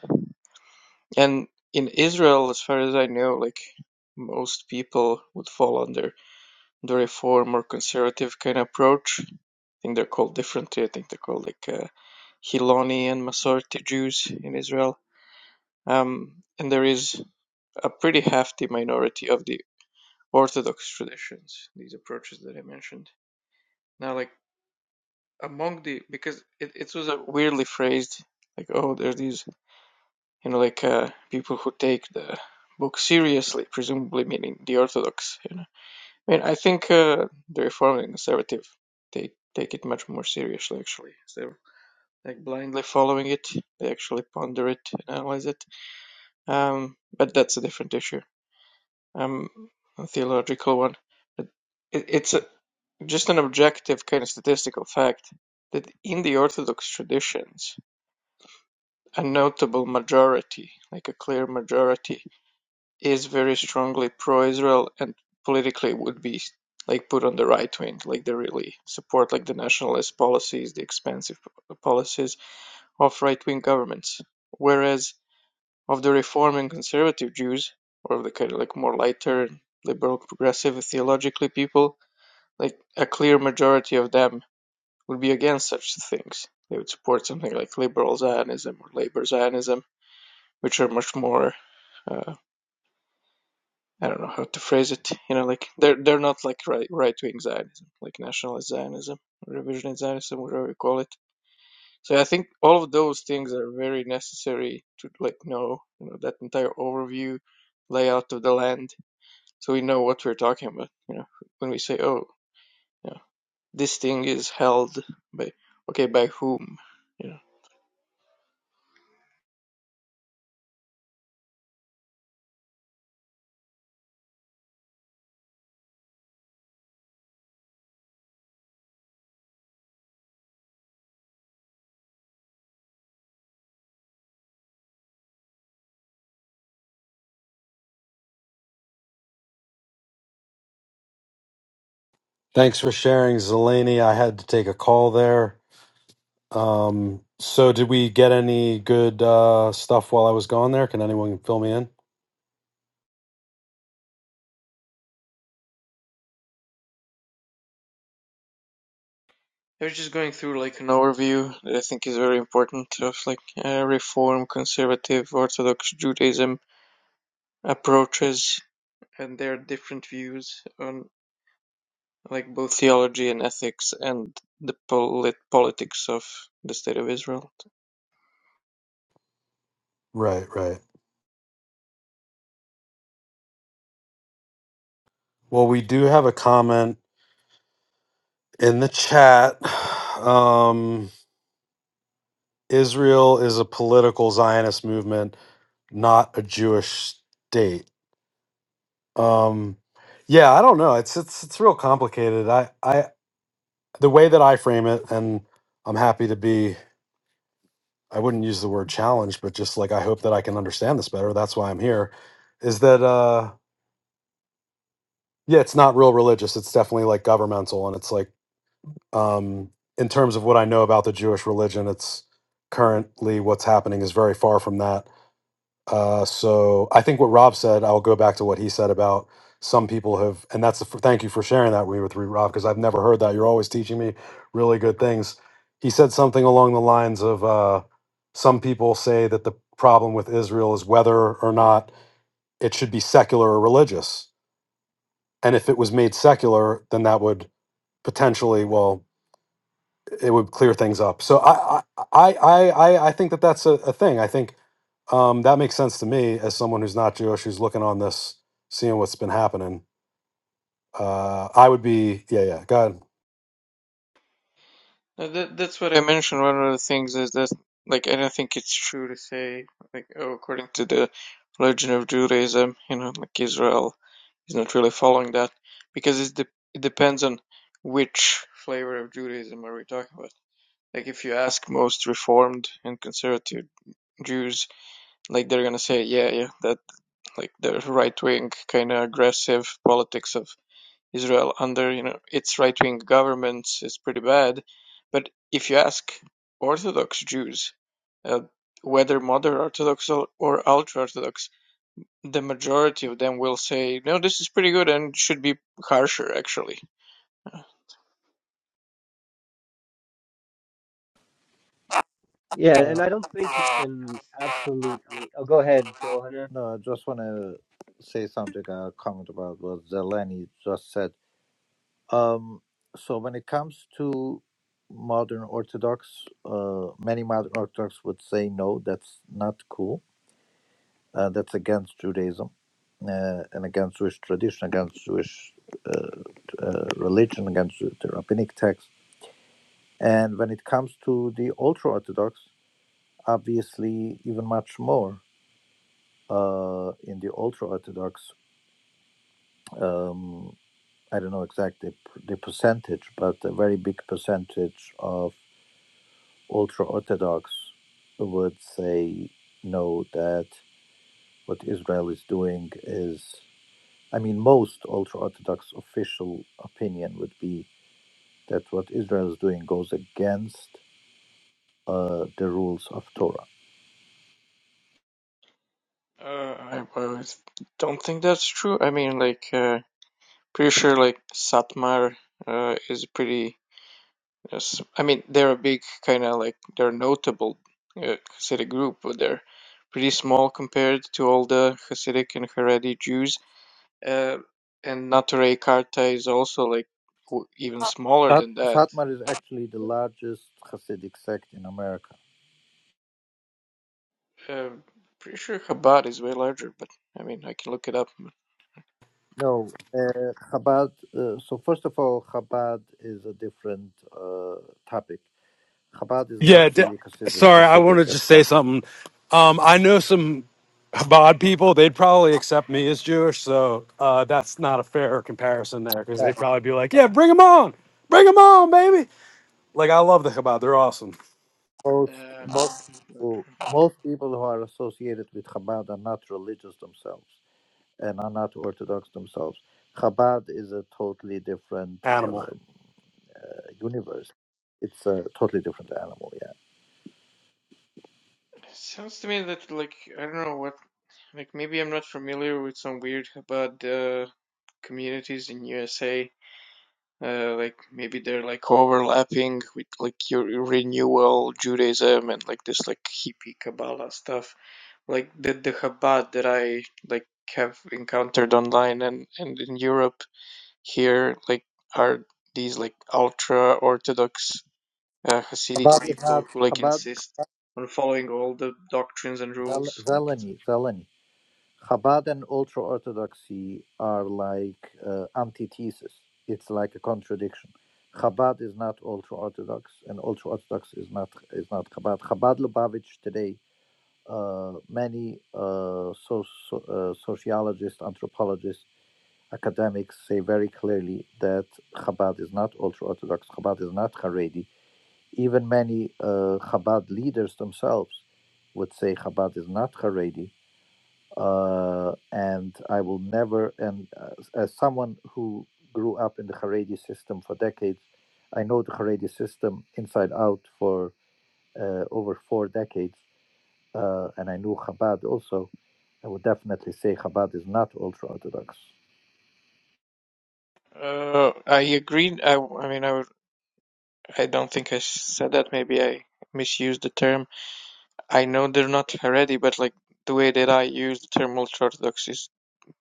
Speaker 5: And in Israel, as far as I know, like most people would fall under the reform or conservative kind of approach. I think they're called differently. I think they're called like uh, Hiloni and Masorti Jews in Israel. Um, and there is a pretty hefty minority of the Orthodox traditions, these approaches that I mentioned. Now, like among the, because it, it was a weirdly phrased, like, oh, there's these, you know, like uh, people who take the book seriously, presumably meaning the Orthodox. You know, I mean, I think uh, the Reformed and Conservative they take it much more seriously, actually. So, like blindly following it, they actually ponder it, and analyze it. Um, but that's a different issue. um, a theological one. It, it's a, just an objective kind of statistical fact that in the Orthodox traditions, a notable majority, like a clear majority, is very strongly pro-Israel and politically would be like put on the right wing, like they really support like the nationalist policies, the expansive p- policies of right-wing governments. Whereas of the Reform and conservative Jews, or of the kind of like more lighter and liberal progressive theologically people, like a clear majority of them would be against such things. They would support something like liberal Zionism or labor Zionism, which are much more uh, I don't know how to phrase it. You know, like they're they're not like right right wing Zionism, like nationalist Zionism, revisionist Zionism, whatever you call it. So I think all of those things are very necessary to like know, you know, that entire overview, layout of the land, so we know what we're talking about you know when we say oh you know, this thing is held by okay by whom you know
Speaker 1: Thanks for sharing, Zelani. I had to take a call there. Um, so, did we get any good uh, stuff while I was gone there? Can anyone fill me in?
Speaker 5: i was just going through like an overview that i think is very important of like uh, reform conservative orthodox judaism approaches and their different views on like both theology and ethics and the polit- politics of the state of israel
Speaker 1: Right, right. Well, we do have a comment in the chat. <sighs> Um, Israel is a political Zionist movement, not a Jewish state. Um, yeah, I don't know. It's it's it's real complicated. I I the way that I frame it, and I'm happy to be. I wouldn't use the word challenge, but just like I hope that I can understand this better. That's why I'm here. Is that uh yeah? It's not real religious. It's definitely like governmental, and it's like um in terms of what I know about the Jewish religion, it's currently what's happening is very far from that. Uh, so I think what Rob said, I'll go back to what he said about some people have, and that's the, f- thank you for sharing that with me, Rob, because I've never heard that. You're always teaching me really good things. He said something along the lines of uh, some people say that the problem with Israel is whether or not it should be secular or religious. And if it was made secular, then that would potentially, well, it would clear things up. So I I I I, I think that that's a, a thing. I think um, that makes sense to me as someone who's not Jewish, who's looking on this, seeing what's been happening. Uh, I would be yeah yeah. Go ahead.
Speaker 5: Uh, That, that's what I mentioned. One of the things is that, like, I don't think it's true to say, like, oh, according to the religion of Judaism, you know, like Israel is not really following that because it's de it depends on which flavor of Judaism are we talking about. Like, if you ask most Reformed and conservative Jews, like, they're gonna say, yeah, yeah, that, like, the right wing kind of aggressive politics of Israel under you know its right-wing governments is pretty bad. But if you ask Orthodox Jews, uh, whether modern Orthodox or, ultra-Orthodox, the majority of them will say, "No, this is pretty good and should be harsher." Actually, uh,
Speaker 4: Yeah,
Speaker 2: Uh,
Speaker 4: and I don't think you can absolutely. Oh, go ahead, Johanna.
Speaker 2: no, I just want to say something, a comment about what Zeleny just said. Um, so, when it comes to modern Orthodox, uh, many modern Orthodox would say, no, that's not cool. Uh, that's against Judaism uh, and against Jewish tradition, against Jewish uh, uh, religion, against the rabbinic text And when it comes to the ultra Orthodox, obviously, even much more uh, in the ultra Orthodox. Um, I don't know exactly the percentage, but a very big percentage of ultra Orthodox would say no, that what Israel is doing is, I mean, most ultra Orthodox official opinion would be that what Israel is doing goes against uh, the rules of Torah.
Speaker 5: I, I don't think that's true. I mean, like, uh, pretty sure like Satmar uh, is pretty Yes, I mean they're a big kind of like they're notable uh, Hasidic group, but they're pretty small compared to all the Hasidic and Haredi Jews. Uh, and Natare Karta is also like w even smaller
Speaker 2: Shat-
Speaker 5: than that.
Speaker 2: Shatmar is actually the largest Hasidic sect in America.
Speaker 5: Uh, pretty sure Chabad is way larger, but I mean I can look it up.
Speaker 2: No, uh, Chabad. Uh, so first of all, Chabad is a different uh, topic. Chabad is not
Speaker 1: Yeah, d-
Speaker 2: really considered
Speaker 1: sorry, I want
Speaker 2: Hasidic.
Speaker 1: to just
Speaker 2: That's
Speaker 1: say
Speaker 2: number.
Speaker 1: something. Um, I know some Chabad people; they'd probably accept me as Jewish, so uh, that's not a fair comparison there, because they'd
Speaker 2: Uh,
Speaker 1: probably be like, "Yeah, bring them on, bring them on, baby!" Like I love the Chabad; they're awesome
Speaker 2: most
Speaker 5: Nah,
Speaker 2: most
Speaker 5: that's not.
Speaker 2: people, most people who are associated with Chabad are not religious themselves and are not Orthodox themselves. Chabad is a totally different
Speaker 1: animal.
Speaker 2: um, universe. It's a totally different animal. Yeah,
Speaker 5: It Sounds to me that like I don't know what like maybe I'm not familiar with some weird Chabad uh, communities in USA. uh, like maybe they're like overlapping with like your renewal Judaism and like this like hippie Kabbalah stuff, like the the Chabad that I like have encountered online and and in Europe here like are these like ultra Orthodox uh, Hasidic
Speaker 2: Chabad is not
Speaker 5: people who like
Speaker 2: Chabad
Speaker 5: insist on following all the doctrines and
Speaker 2: Zel-
Speaker 5: rules. Like,
Speaker 2: Zeleny, Zeleny. Chabad and ultra orthodoxy are like uh, antithesis. It's like a contradiction. Chabad is not ultra orthodox, and ultra orthodox is not is not Chabad. Chabad Lubavitch today, uh, many uh, so, so, uh, sociologists, anthropologists, academics say very clearly that Chabad is not ultra orthodox. Chabad is not Haredi. Even many uh, Chabad leaders themselves would say Chabad is not Haredi uh, and I will never. And as, as someone who grew up in the Haredi system for decades, I know the Haredi system inside out for uh, over four decades, uh, and I knew Chabad also. I would definitely say Chabad is not ultra orthodox.
Speaker 5: uh, I agree. I I mean I would- I don't think I said that. Maybe I misused the term I know they're not Haredi, but like the way that I use the term ultra-Orthodox is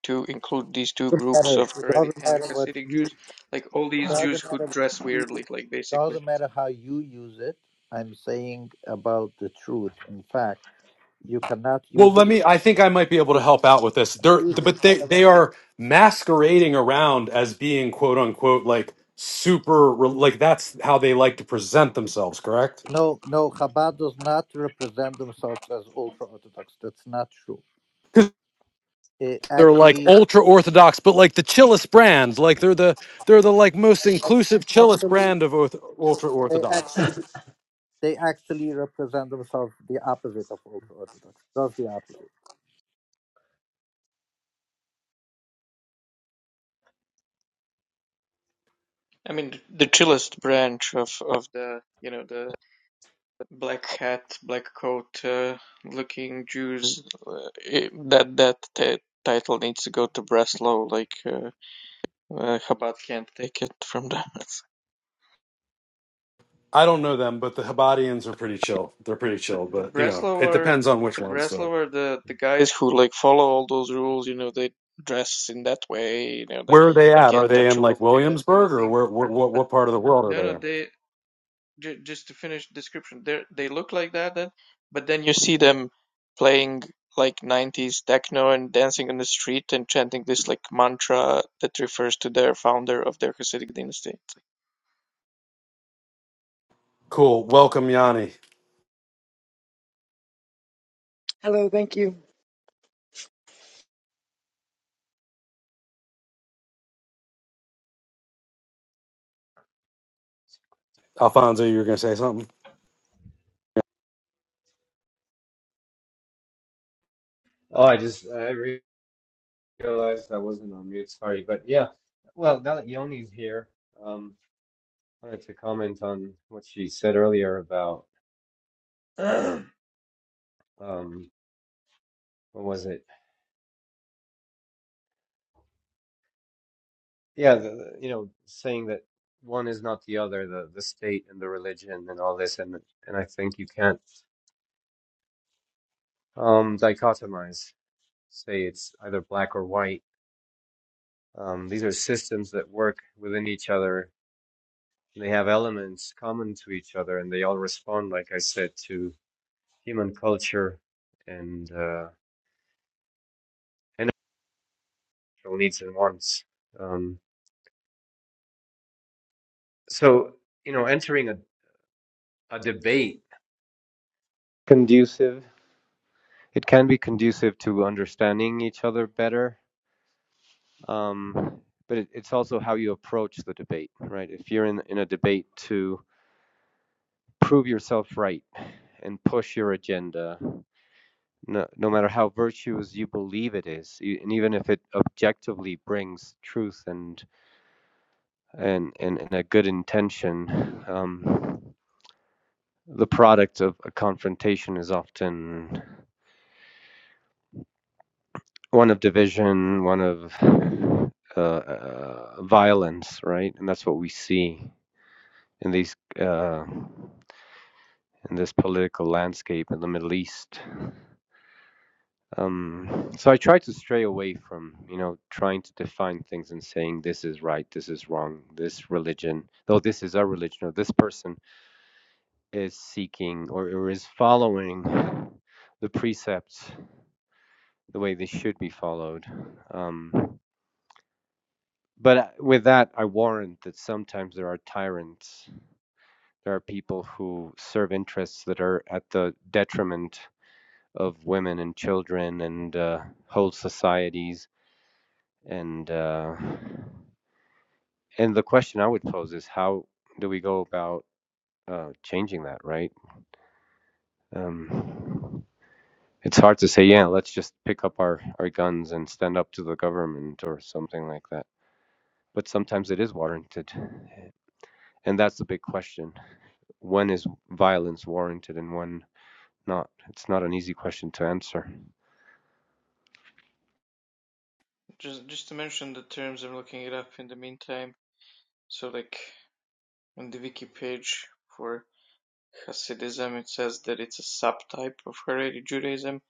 Speaker 5: to include these two
Speaker 2: It doesn't
Speaker 5: groups
Speaker 2: matter.
Speaker 5: of
Speaker 2: It
Speaker 5: Haredi
Speaker 2: doesn't
Speaker 5: and
Speaker 2: matter what
Speaker 5: Hasidic
Speaker 2: you.
Speaker 5: Jews, like all
Speaker 2: It
Speaker 5: these Jews
Speaker 2: doesn't
Speaker 5: who
Speaker 2: matter. What
Speaker 5: dress
Speaker 2: you,
Speaker 5: weirdly,
Speaker 2: it
Speaker 5: like basically.
Speaker 2: doesn't matter how you use it. I'm saying about the truth. In fact, you cannot
Speaker 1: Well,
Speaker 2: use it.
Speaker 1: let me. I think I might be able to help out with this. They're, but they they are masquerading around as being quote unquote like super re- like that's how they like to present themselves, correct?
Speaker 2: No, no, Chabad does not represent themselves as ultra Orthodox. That's not true.
Speaker 1: Because
Speaker 2: They
Speaker 1: they're like
Speaker 2: actually,
Speaker 1: ultra orthodox, but like the chillest brands, like they're the they're the like most
Speaker 2: ac-
Speaker 1: inclusive chillest
Speaker 2: actually,
Speaker 1: brand of ultra
Speaker 2: they
Speaker 1: orthodox.
Speaker 2: actually, they actually represent themselves the opposite of ultra Orthodox. Just the opposite.
Speaker 5: I mean, th- the chillest branch of of the you know the black hat, black coat uh, looking Jews. Uh, it- that that t- title needs to go to Breslau. Like uh, uh, Chabad can't take it from them. <laughs>
Speaker 1: I don't know them, but the Habadians are pretty chill. They're pretty
Speaker 5: The
Speaker 1: chill,
Speaker 5: the
Speaker 1: but you know
Speaker 5: Breslau
Speaker 1: it depends on which
Speaker 5: the
Speaker 1: ones. So
Speaker 5: Breslau the the guys who like follow all those rules. You know, they dress in that way. You know, they
Speaker 1: where are they
Speaker 5: you
Speaker 1: at? Are
Speaker 5: can't
Speaker 1: they
Speaker 5: touch
Speaker 1: in
Speaker 5: a
Speaker 1: like
Speaker 5: woman, that kind of
Speaker 1: Williamsburg or
Speaker 5: thing.
Speaker 1: where, where what
Speaker 5: But
Speaker 1: what part of the world are
Speaker 5: no,
Speaker 1: they
Speaker 5: no,
Speaker 1: in?
Speaker 5: they j- just to finish description, they they look like that, then, but then you see them playing like 90s techno and dancing on the street and chanting this like mantra that refers to their founder of their Hasidic dynasty. It's like,
Speaker 1: Cool. Welcome, Yanni.
Speaker 6: Hello, thank you.
Speaker 1: Alfonso, you were going to say something?
Speaker 4: Oh, I just I realized I wasn't on mute. Sorry, but yeah. Well, now that Yoni's here, um, I wanted to comment on what she said earlier about <clears throat> um, what was it? Yeah, the, the- you know, saying that one is not the other, the the state and the religion and all this, and and I think you can't um, dichotomize, say it's either black or white. Um, these are systems that work within each other. and They have elements common to each other, and they all respond, like I said, to human culture and uh, and actual needs and wants. Um, so you know, entering a, a debate conducive. It can be conducive to understanding each other better, um, but it, it's also how you approach the debate, right? If you're in in a debate to prove yourself right and push your agenda. No, no matter how virtuous you believe it is, e- and even if it objectively brings truth and and, and, and a good intention, um, the product of a confrontation is often one of division, one of uh, uh, violence, right? And that's what we see in these uh, in this political landscape in the Middle East. Um, so I try to stray away from you know trying to define things and saying this is right, this is wrong, this religion, though this is our religion, or this person is seeking or, or is following the precepts the way they should be followed. Um, but uh, with that, I warrant that sometimes there are tyrants. There are people who serve interests that are at the detriment of women and children and uh, whole societies. And uh, and the question I would pose is how do we go about uh, changing that? Right? Um, It's hard to say, yeah, let's just pick up our, our guns and stand up to the government or something like that. But sometimes it is warranted. And that's the big question. When is violence warranted and when not? It's not an easy question to answer.
Speaker 5: Just just to mention the terms, I'm looking it up in the meantime. So like on the wiki page for Hasidism, it says that it's a subtype of Haredi Judaism.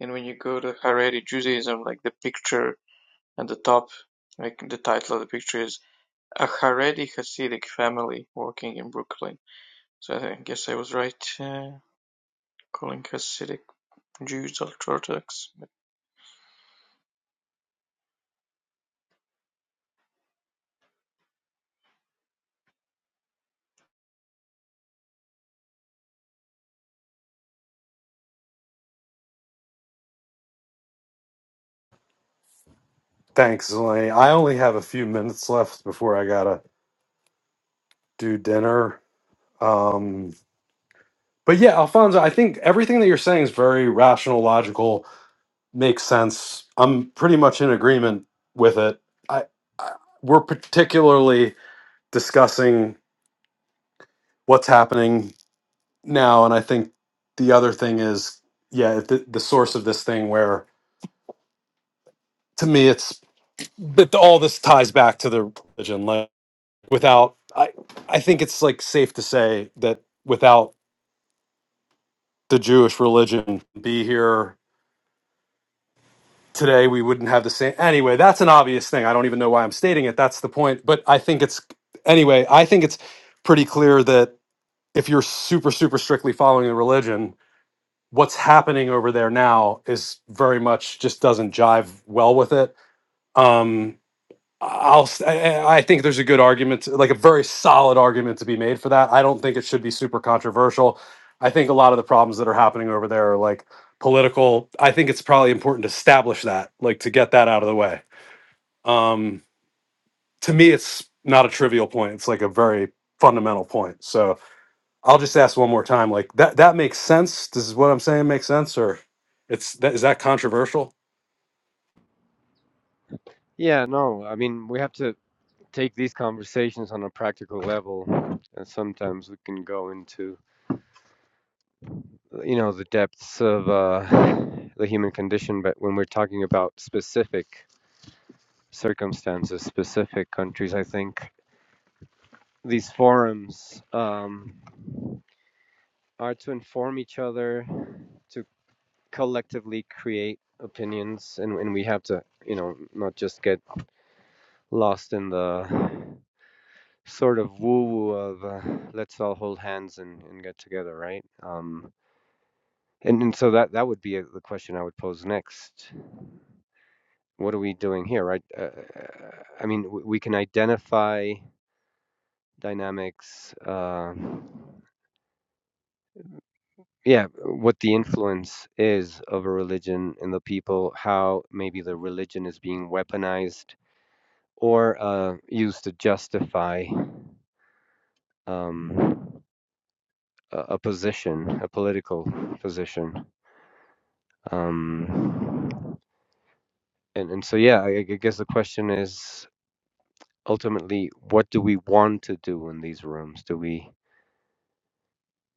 Speaker 5: And when you go to Haredi Judaism, like the picture at the top, like the title of the picture is A Haredi Hasidic Family Working in Brooklyn. So I guess I was right uh, calling Hasidic Jews ultra-Orthodox.
Speaker 1: Thanks, Elaine. I only have a few minutes left before I got to do dinner. Um, but yeah, Alfonso, I think everything that you're saying is very rational, logical, makes sense. I'm pretty much in agreement with it. I, I We're particularly discussing what's happening now. And I think the other thing is, yeah, the, the source of this thing where to me it's that all this ties back to the religion. Like, without I I think it's like safe to say that without the Jewish religion be here today we wouldn't have the same anyway that's an obvious thing I don't even know why I'm stating it that's the point but I think it's anyway I think it's pretty clear that if you're super super strictly following the religion what's happening over there now is very much just doesn't jive well with it um I'll. s- I I- I think there's a good argument, like a very solid argument to be made for that. I don't think it should be super controversial. I think a lot of the problems that are happening over there are like political. I think it's probably important to establish that, like to get that out of the way. Um, to me, it's not a trivial point. It's like a very fundamental point. So I'll just ask one more time. Like that. That makes sense. Does what I'm saying make sense, or it's that is that controversial?
Speaker 4: Yeah, no, I mean, we have to take these conversations on a practical level. And sometimes we can go into, you know, the depths of uh, the human condition. But when we're talking about specific circumstances, specific countries, I think these forums um, are to inform each other, to collectively create opinions, and, and we have to, you know, not just get lost in the sort of woo woo of uh, let's all hold hands and, and get together, right? Um, and, and so that, that would be uh the question I would pose next. What are we doing here, right? Uh, I mean, w- we can identify dynamics. Uh, yeah, what the influence is of a religion in the people, how maybe the religion is being weaponized or uh, used to justify um, a, a position, a political position. Um, and, and so, yeah, I, I guess the question is ultimately, what do we want to do in these rooms? Do we.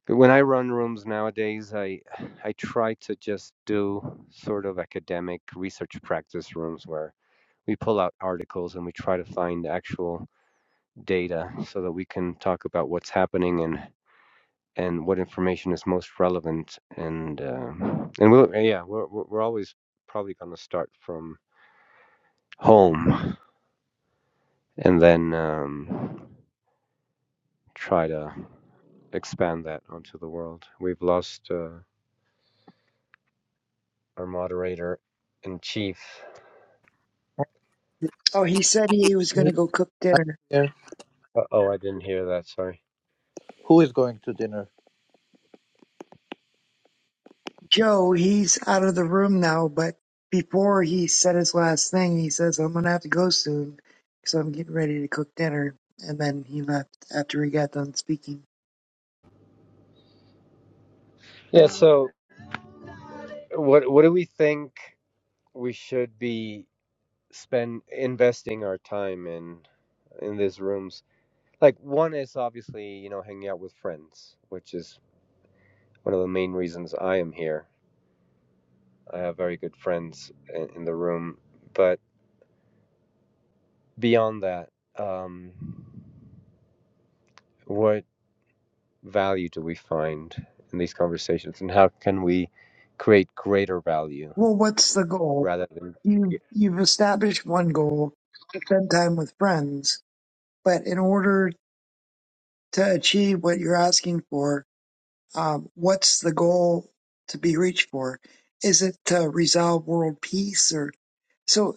Speaker 4: When I run rooms nowadays, I I try to just do sort of academic research practice rooms where we pull out articles and we try to find actual data so that we can talk about what's happening and and what information is most relevant and um and we'll, yeah we're we're we're always probably going to start from home and then um, try to expand that onto the world. We've lost uh, our moderator in chief.
Speaker 6: Oh, he said he was going
Speaker 2: Me,
Speaker 6: to go cook
Speaker 2: I'm
Speaker 6: dinner.
Speaker 2: here.
Speaker 4: Uh, oh, I didn't hear that. Sorry.
Speaker 2: Who is going to dinner?
Speaker 6: Joe, he's out of the room now, but before he said his last thing, he says, I'm going to have to go soon because I'm getting ready to cook dinner. And then he left after he got done speaking.
Speaker 4: Yeah. So what what do we think we should be spend investing our time in in these rooms. Like one is obviously, you know, hanging out with friends, which is one of the main reasons I am here. I have very good friends in, in the room, but beyond that, um, what value do we find in these conversations, and how can we create greater value
Speaker 6: Well, what's the goal?
Speaker 4: rather than?
Speaker 6: You, you've established one goal to spend time with friends, but in order to achieve what you're asking for, um, what's the goal to be reached for? Is it to resolve world peace or so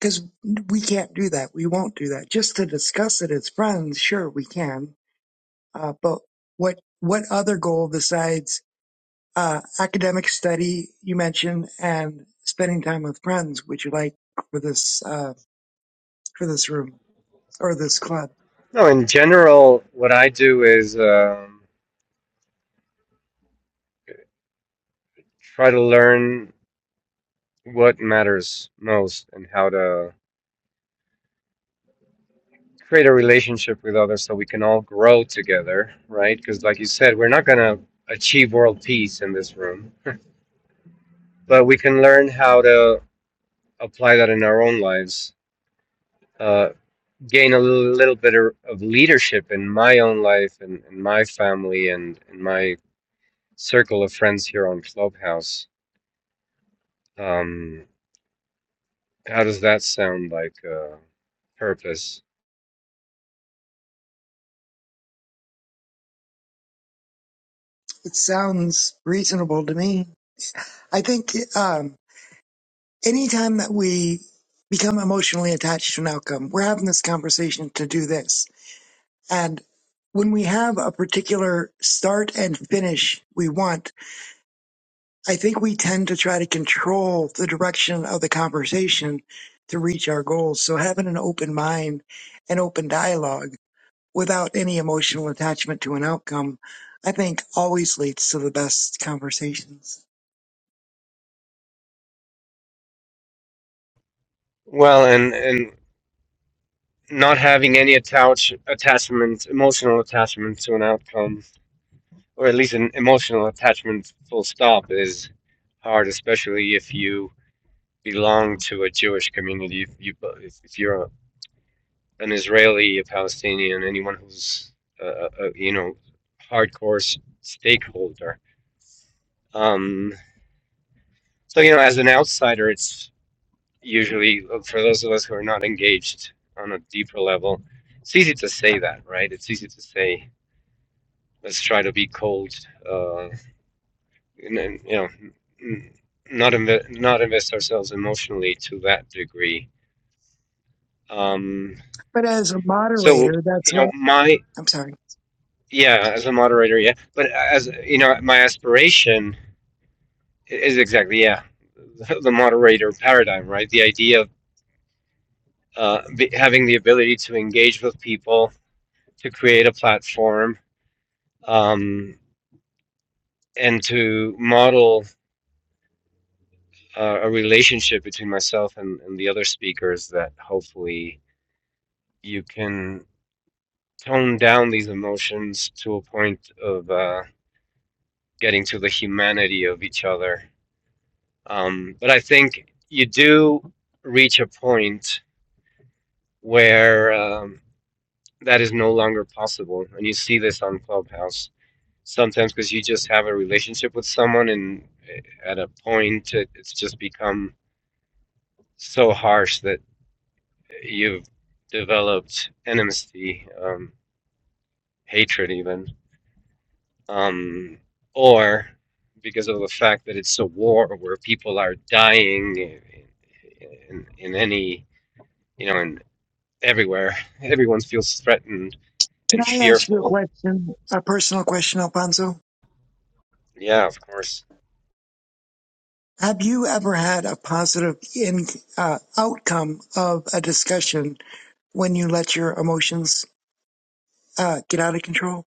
Speaker 6: because we can't do that. We won't do that. Just to discuss it as friends, sure we can. Uh, but what what other goal besides uh, academic study you mentioned and spending time with friends would you like for this uh, for this room or this club?
Speaker 4: No, in general, what I do is um, try to learn what matters most and how to create a relationship with others so we can all grow together, right? Because, like you said, we're not going to achieve world peace in this room, but we can learn how to apply that in our own lives, uh, gain a little, little bit of leadership in my own life and in my family and in my circle of friends here on Clubhouse. Um, how does that sound like uh, purpose?
Speaker 6: It sounds reasonable to me. I think um, anytime that we become emotionally attached to an outcome, we're having this conversation to do this And when we have a particular start and finish we want, I think we tend to try to control the direction of the conversation to reach our goals. So having an open mind and open dialogue without any emotional attachment to an outcome, I think always leads to the best conversations.
Speaker 4: Well, and, and not having any attach, attachment, emotional attachment to an outcome or at least an emotional attachment full stop is hard especially if you belong to a jewish community if you if, you're an israeli a palestinian anyone who's uh, a, you know hardcore stakeholder um so you know as an outsider it's usually for those of us who are not engaged on a deeper level it's easy to say that right it's easy to say let's try to be cold uh, and, and, you know, n- not inve not invest ourselves emotionally to that degree. Um,
Speaker 6: But as a
Speaker 4: so
Speaker 6: moderator,
Speaker 4: you
Speaker 6: that's
Speaker 4: know,
Speaker 6: what
Speaker 4: my
Speaker 6: I'm sorry.
Speaker 4: yeah, as a moderator, yeah, but as you know, my aspiration i- is exactly yeah, <laughs> the moderator paradigm, right? The idea of uh, be, having the ability to engage with people, to create a platform, um, and to model uh, a relationship between myself and, and the other speakers that hopefully you can tone down these emotions to a point of uh, getting to the humanity of each other. Um, but I think you do reach a point where um, that is no longer possible. And you see this on Clubhouse sometimes because you just have a relationship with someone, and eh, at a point, it, it's just become so harsh that you've developed enmity, um, hatred, even. um, or because of the fact that it's a war where people are dying in, in, in any, you know, in everywhere. <laughs> Everyone feels threatened and
Speaker 6: Can I ask you a
Speaker 4: fearful.
Speaker 6: question, a personal question, Alfonso?
Speaker 4: Yeah, of course.
Speaker 6: Have you ever had a positive in, uh, outcome of a discussion when you let your emotions uh, get out of control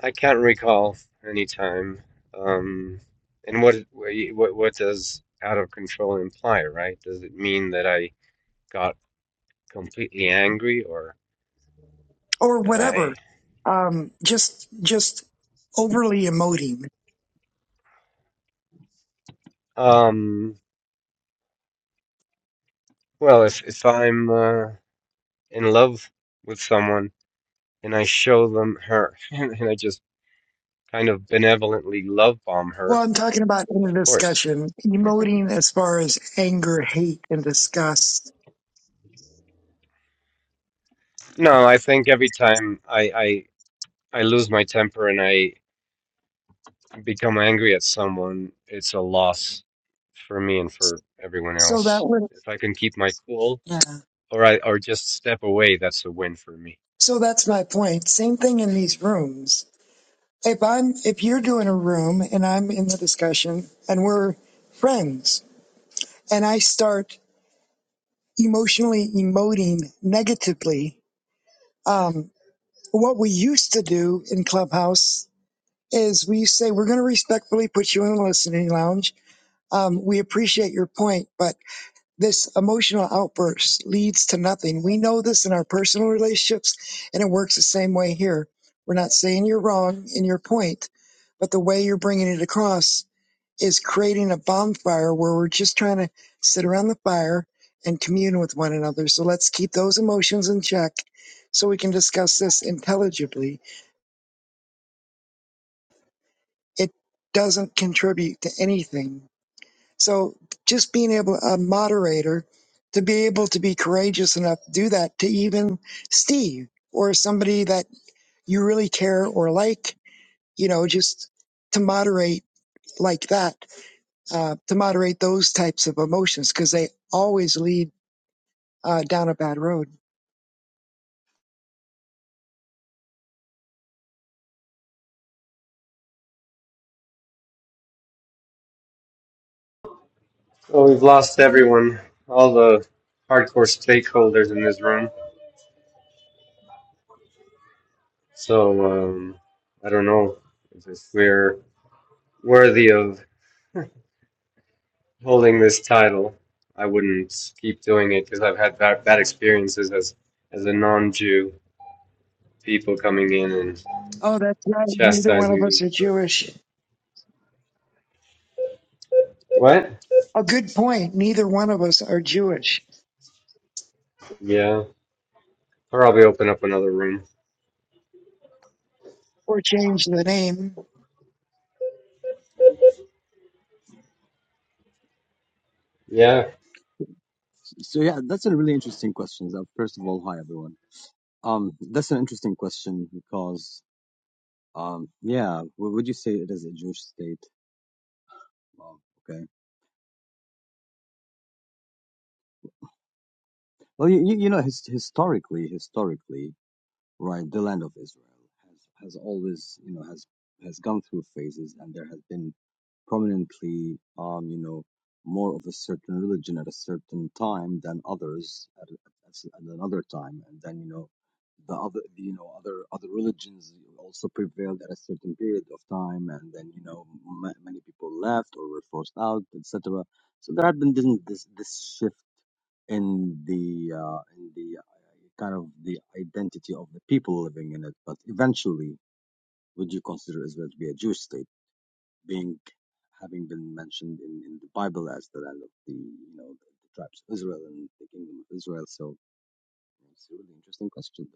Speaker 4: I can't recall any time. Um, and what, what what does out of control imply, right? Does it mean that I got completely angry or
Speaker 6: or
Speaker 4: that I,
Speaker 6: whatever? Um, just just overly emoting.
Speaker 4: um, well, if if I'm uh, in love with someone, and I show them her, <laughs> and, I just kind of benevolently love bomb
Speaker 6: Well,
Speaker 4: her,
Speaker 6: I'm talking about in a
Speaker 4: of course.
Speaker 6: discussion, emoting as far as anger, hate, and disgust.
Speaker 4: No, I think every time I, I I lose my temper and I become angry at someone, it's a loss for me and for everyone
Speaker 6: So that
Speaker 4: else.
Speaker 6: would
Speaker 4: If I can keep my cool
Speaker 6: yeah.
Speaker 4: or I or just step away, that's a win for me.
Speaker 6: So that's my point. Same thing in these rooms. If I'm if you're doing a room and I'm in the discussion and we're friends and I start emotionally emoting negatively. Um, what we used to do in Clubhouse is we say, we're going to respectfully put you in the listening lounge. Um, we appreciate your point, but this emotional outburst leads to nothing. We know this in our personal relationships, and it works the same way here. We're not saying you're wrong in your point, but the way you're bringing it across is creating a bonfire where we're just trying to sit around the fire and commune with one another. So let's keep those emotions in check so we can discuss this intelligibly. It doesn't contribute to anything. So just being able, a moderator, to be able to be courageous enough to do that to even Steve or somebody that you really care or like, you know, just to moderate like that, uh, to moderate those types of emotions because they always lead uh, down a bad road.
Speaker 4: Well, we've lost everyone, all the hardcore stakeholders in this room. So um, I don't know if we're worthy of holding this title. I wouldn't keep doing it because I've had bad, bad experiences as as a non-Jew, people coming in and
Speaker 6: Oh, that's right. Neither one of
Speaker 4: chastising
Speaker 6: us
Speaker 4: me
Speaker 6: are
Speaker 4: for
Speaker 6: Jewish.
Speaker 4: what?
Speaker 6: A good point. Neither one of us are Jewish
Speaker 4: Yeah, I'll probably open up another room.
Speaker 6: or change the name.
Speaker 4: Yeah,
Speaker 7: So yeah, that's a really interesting question. Uh, First of all, hi everyone. Um, that's an interesting question because um, yeah, w- would you say it is a Jewish state? Well, okay. Well, you you you know his, historically, historically, right the land of israel has has always you know has has gone through phases and there has been prominently um you know more of a certain religion at a certain time than others at, at, at another time and then you know the other you know other other religions also prevailed at a certain period of time and then you know ma many people left or were forced out etc so there had been this this, this shift in the uh, in the kind of the identity of the people living in it. But eventually, would you consider Israel to be a Jewish state, being having been mentioned in, in the Bible as the land of the you know the, the tribes of Israel and the kingdom of Israel? So it's a really interesting question.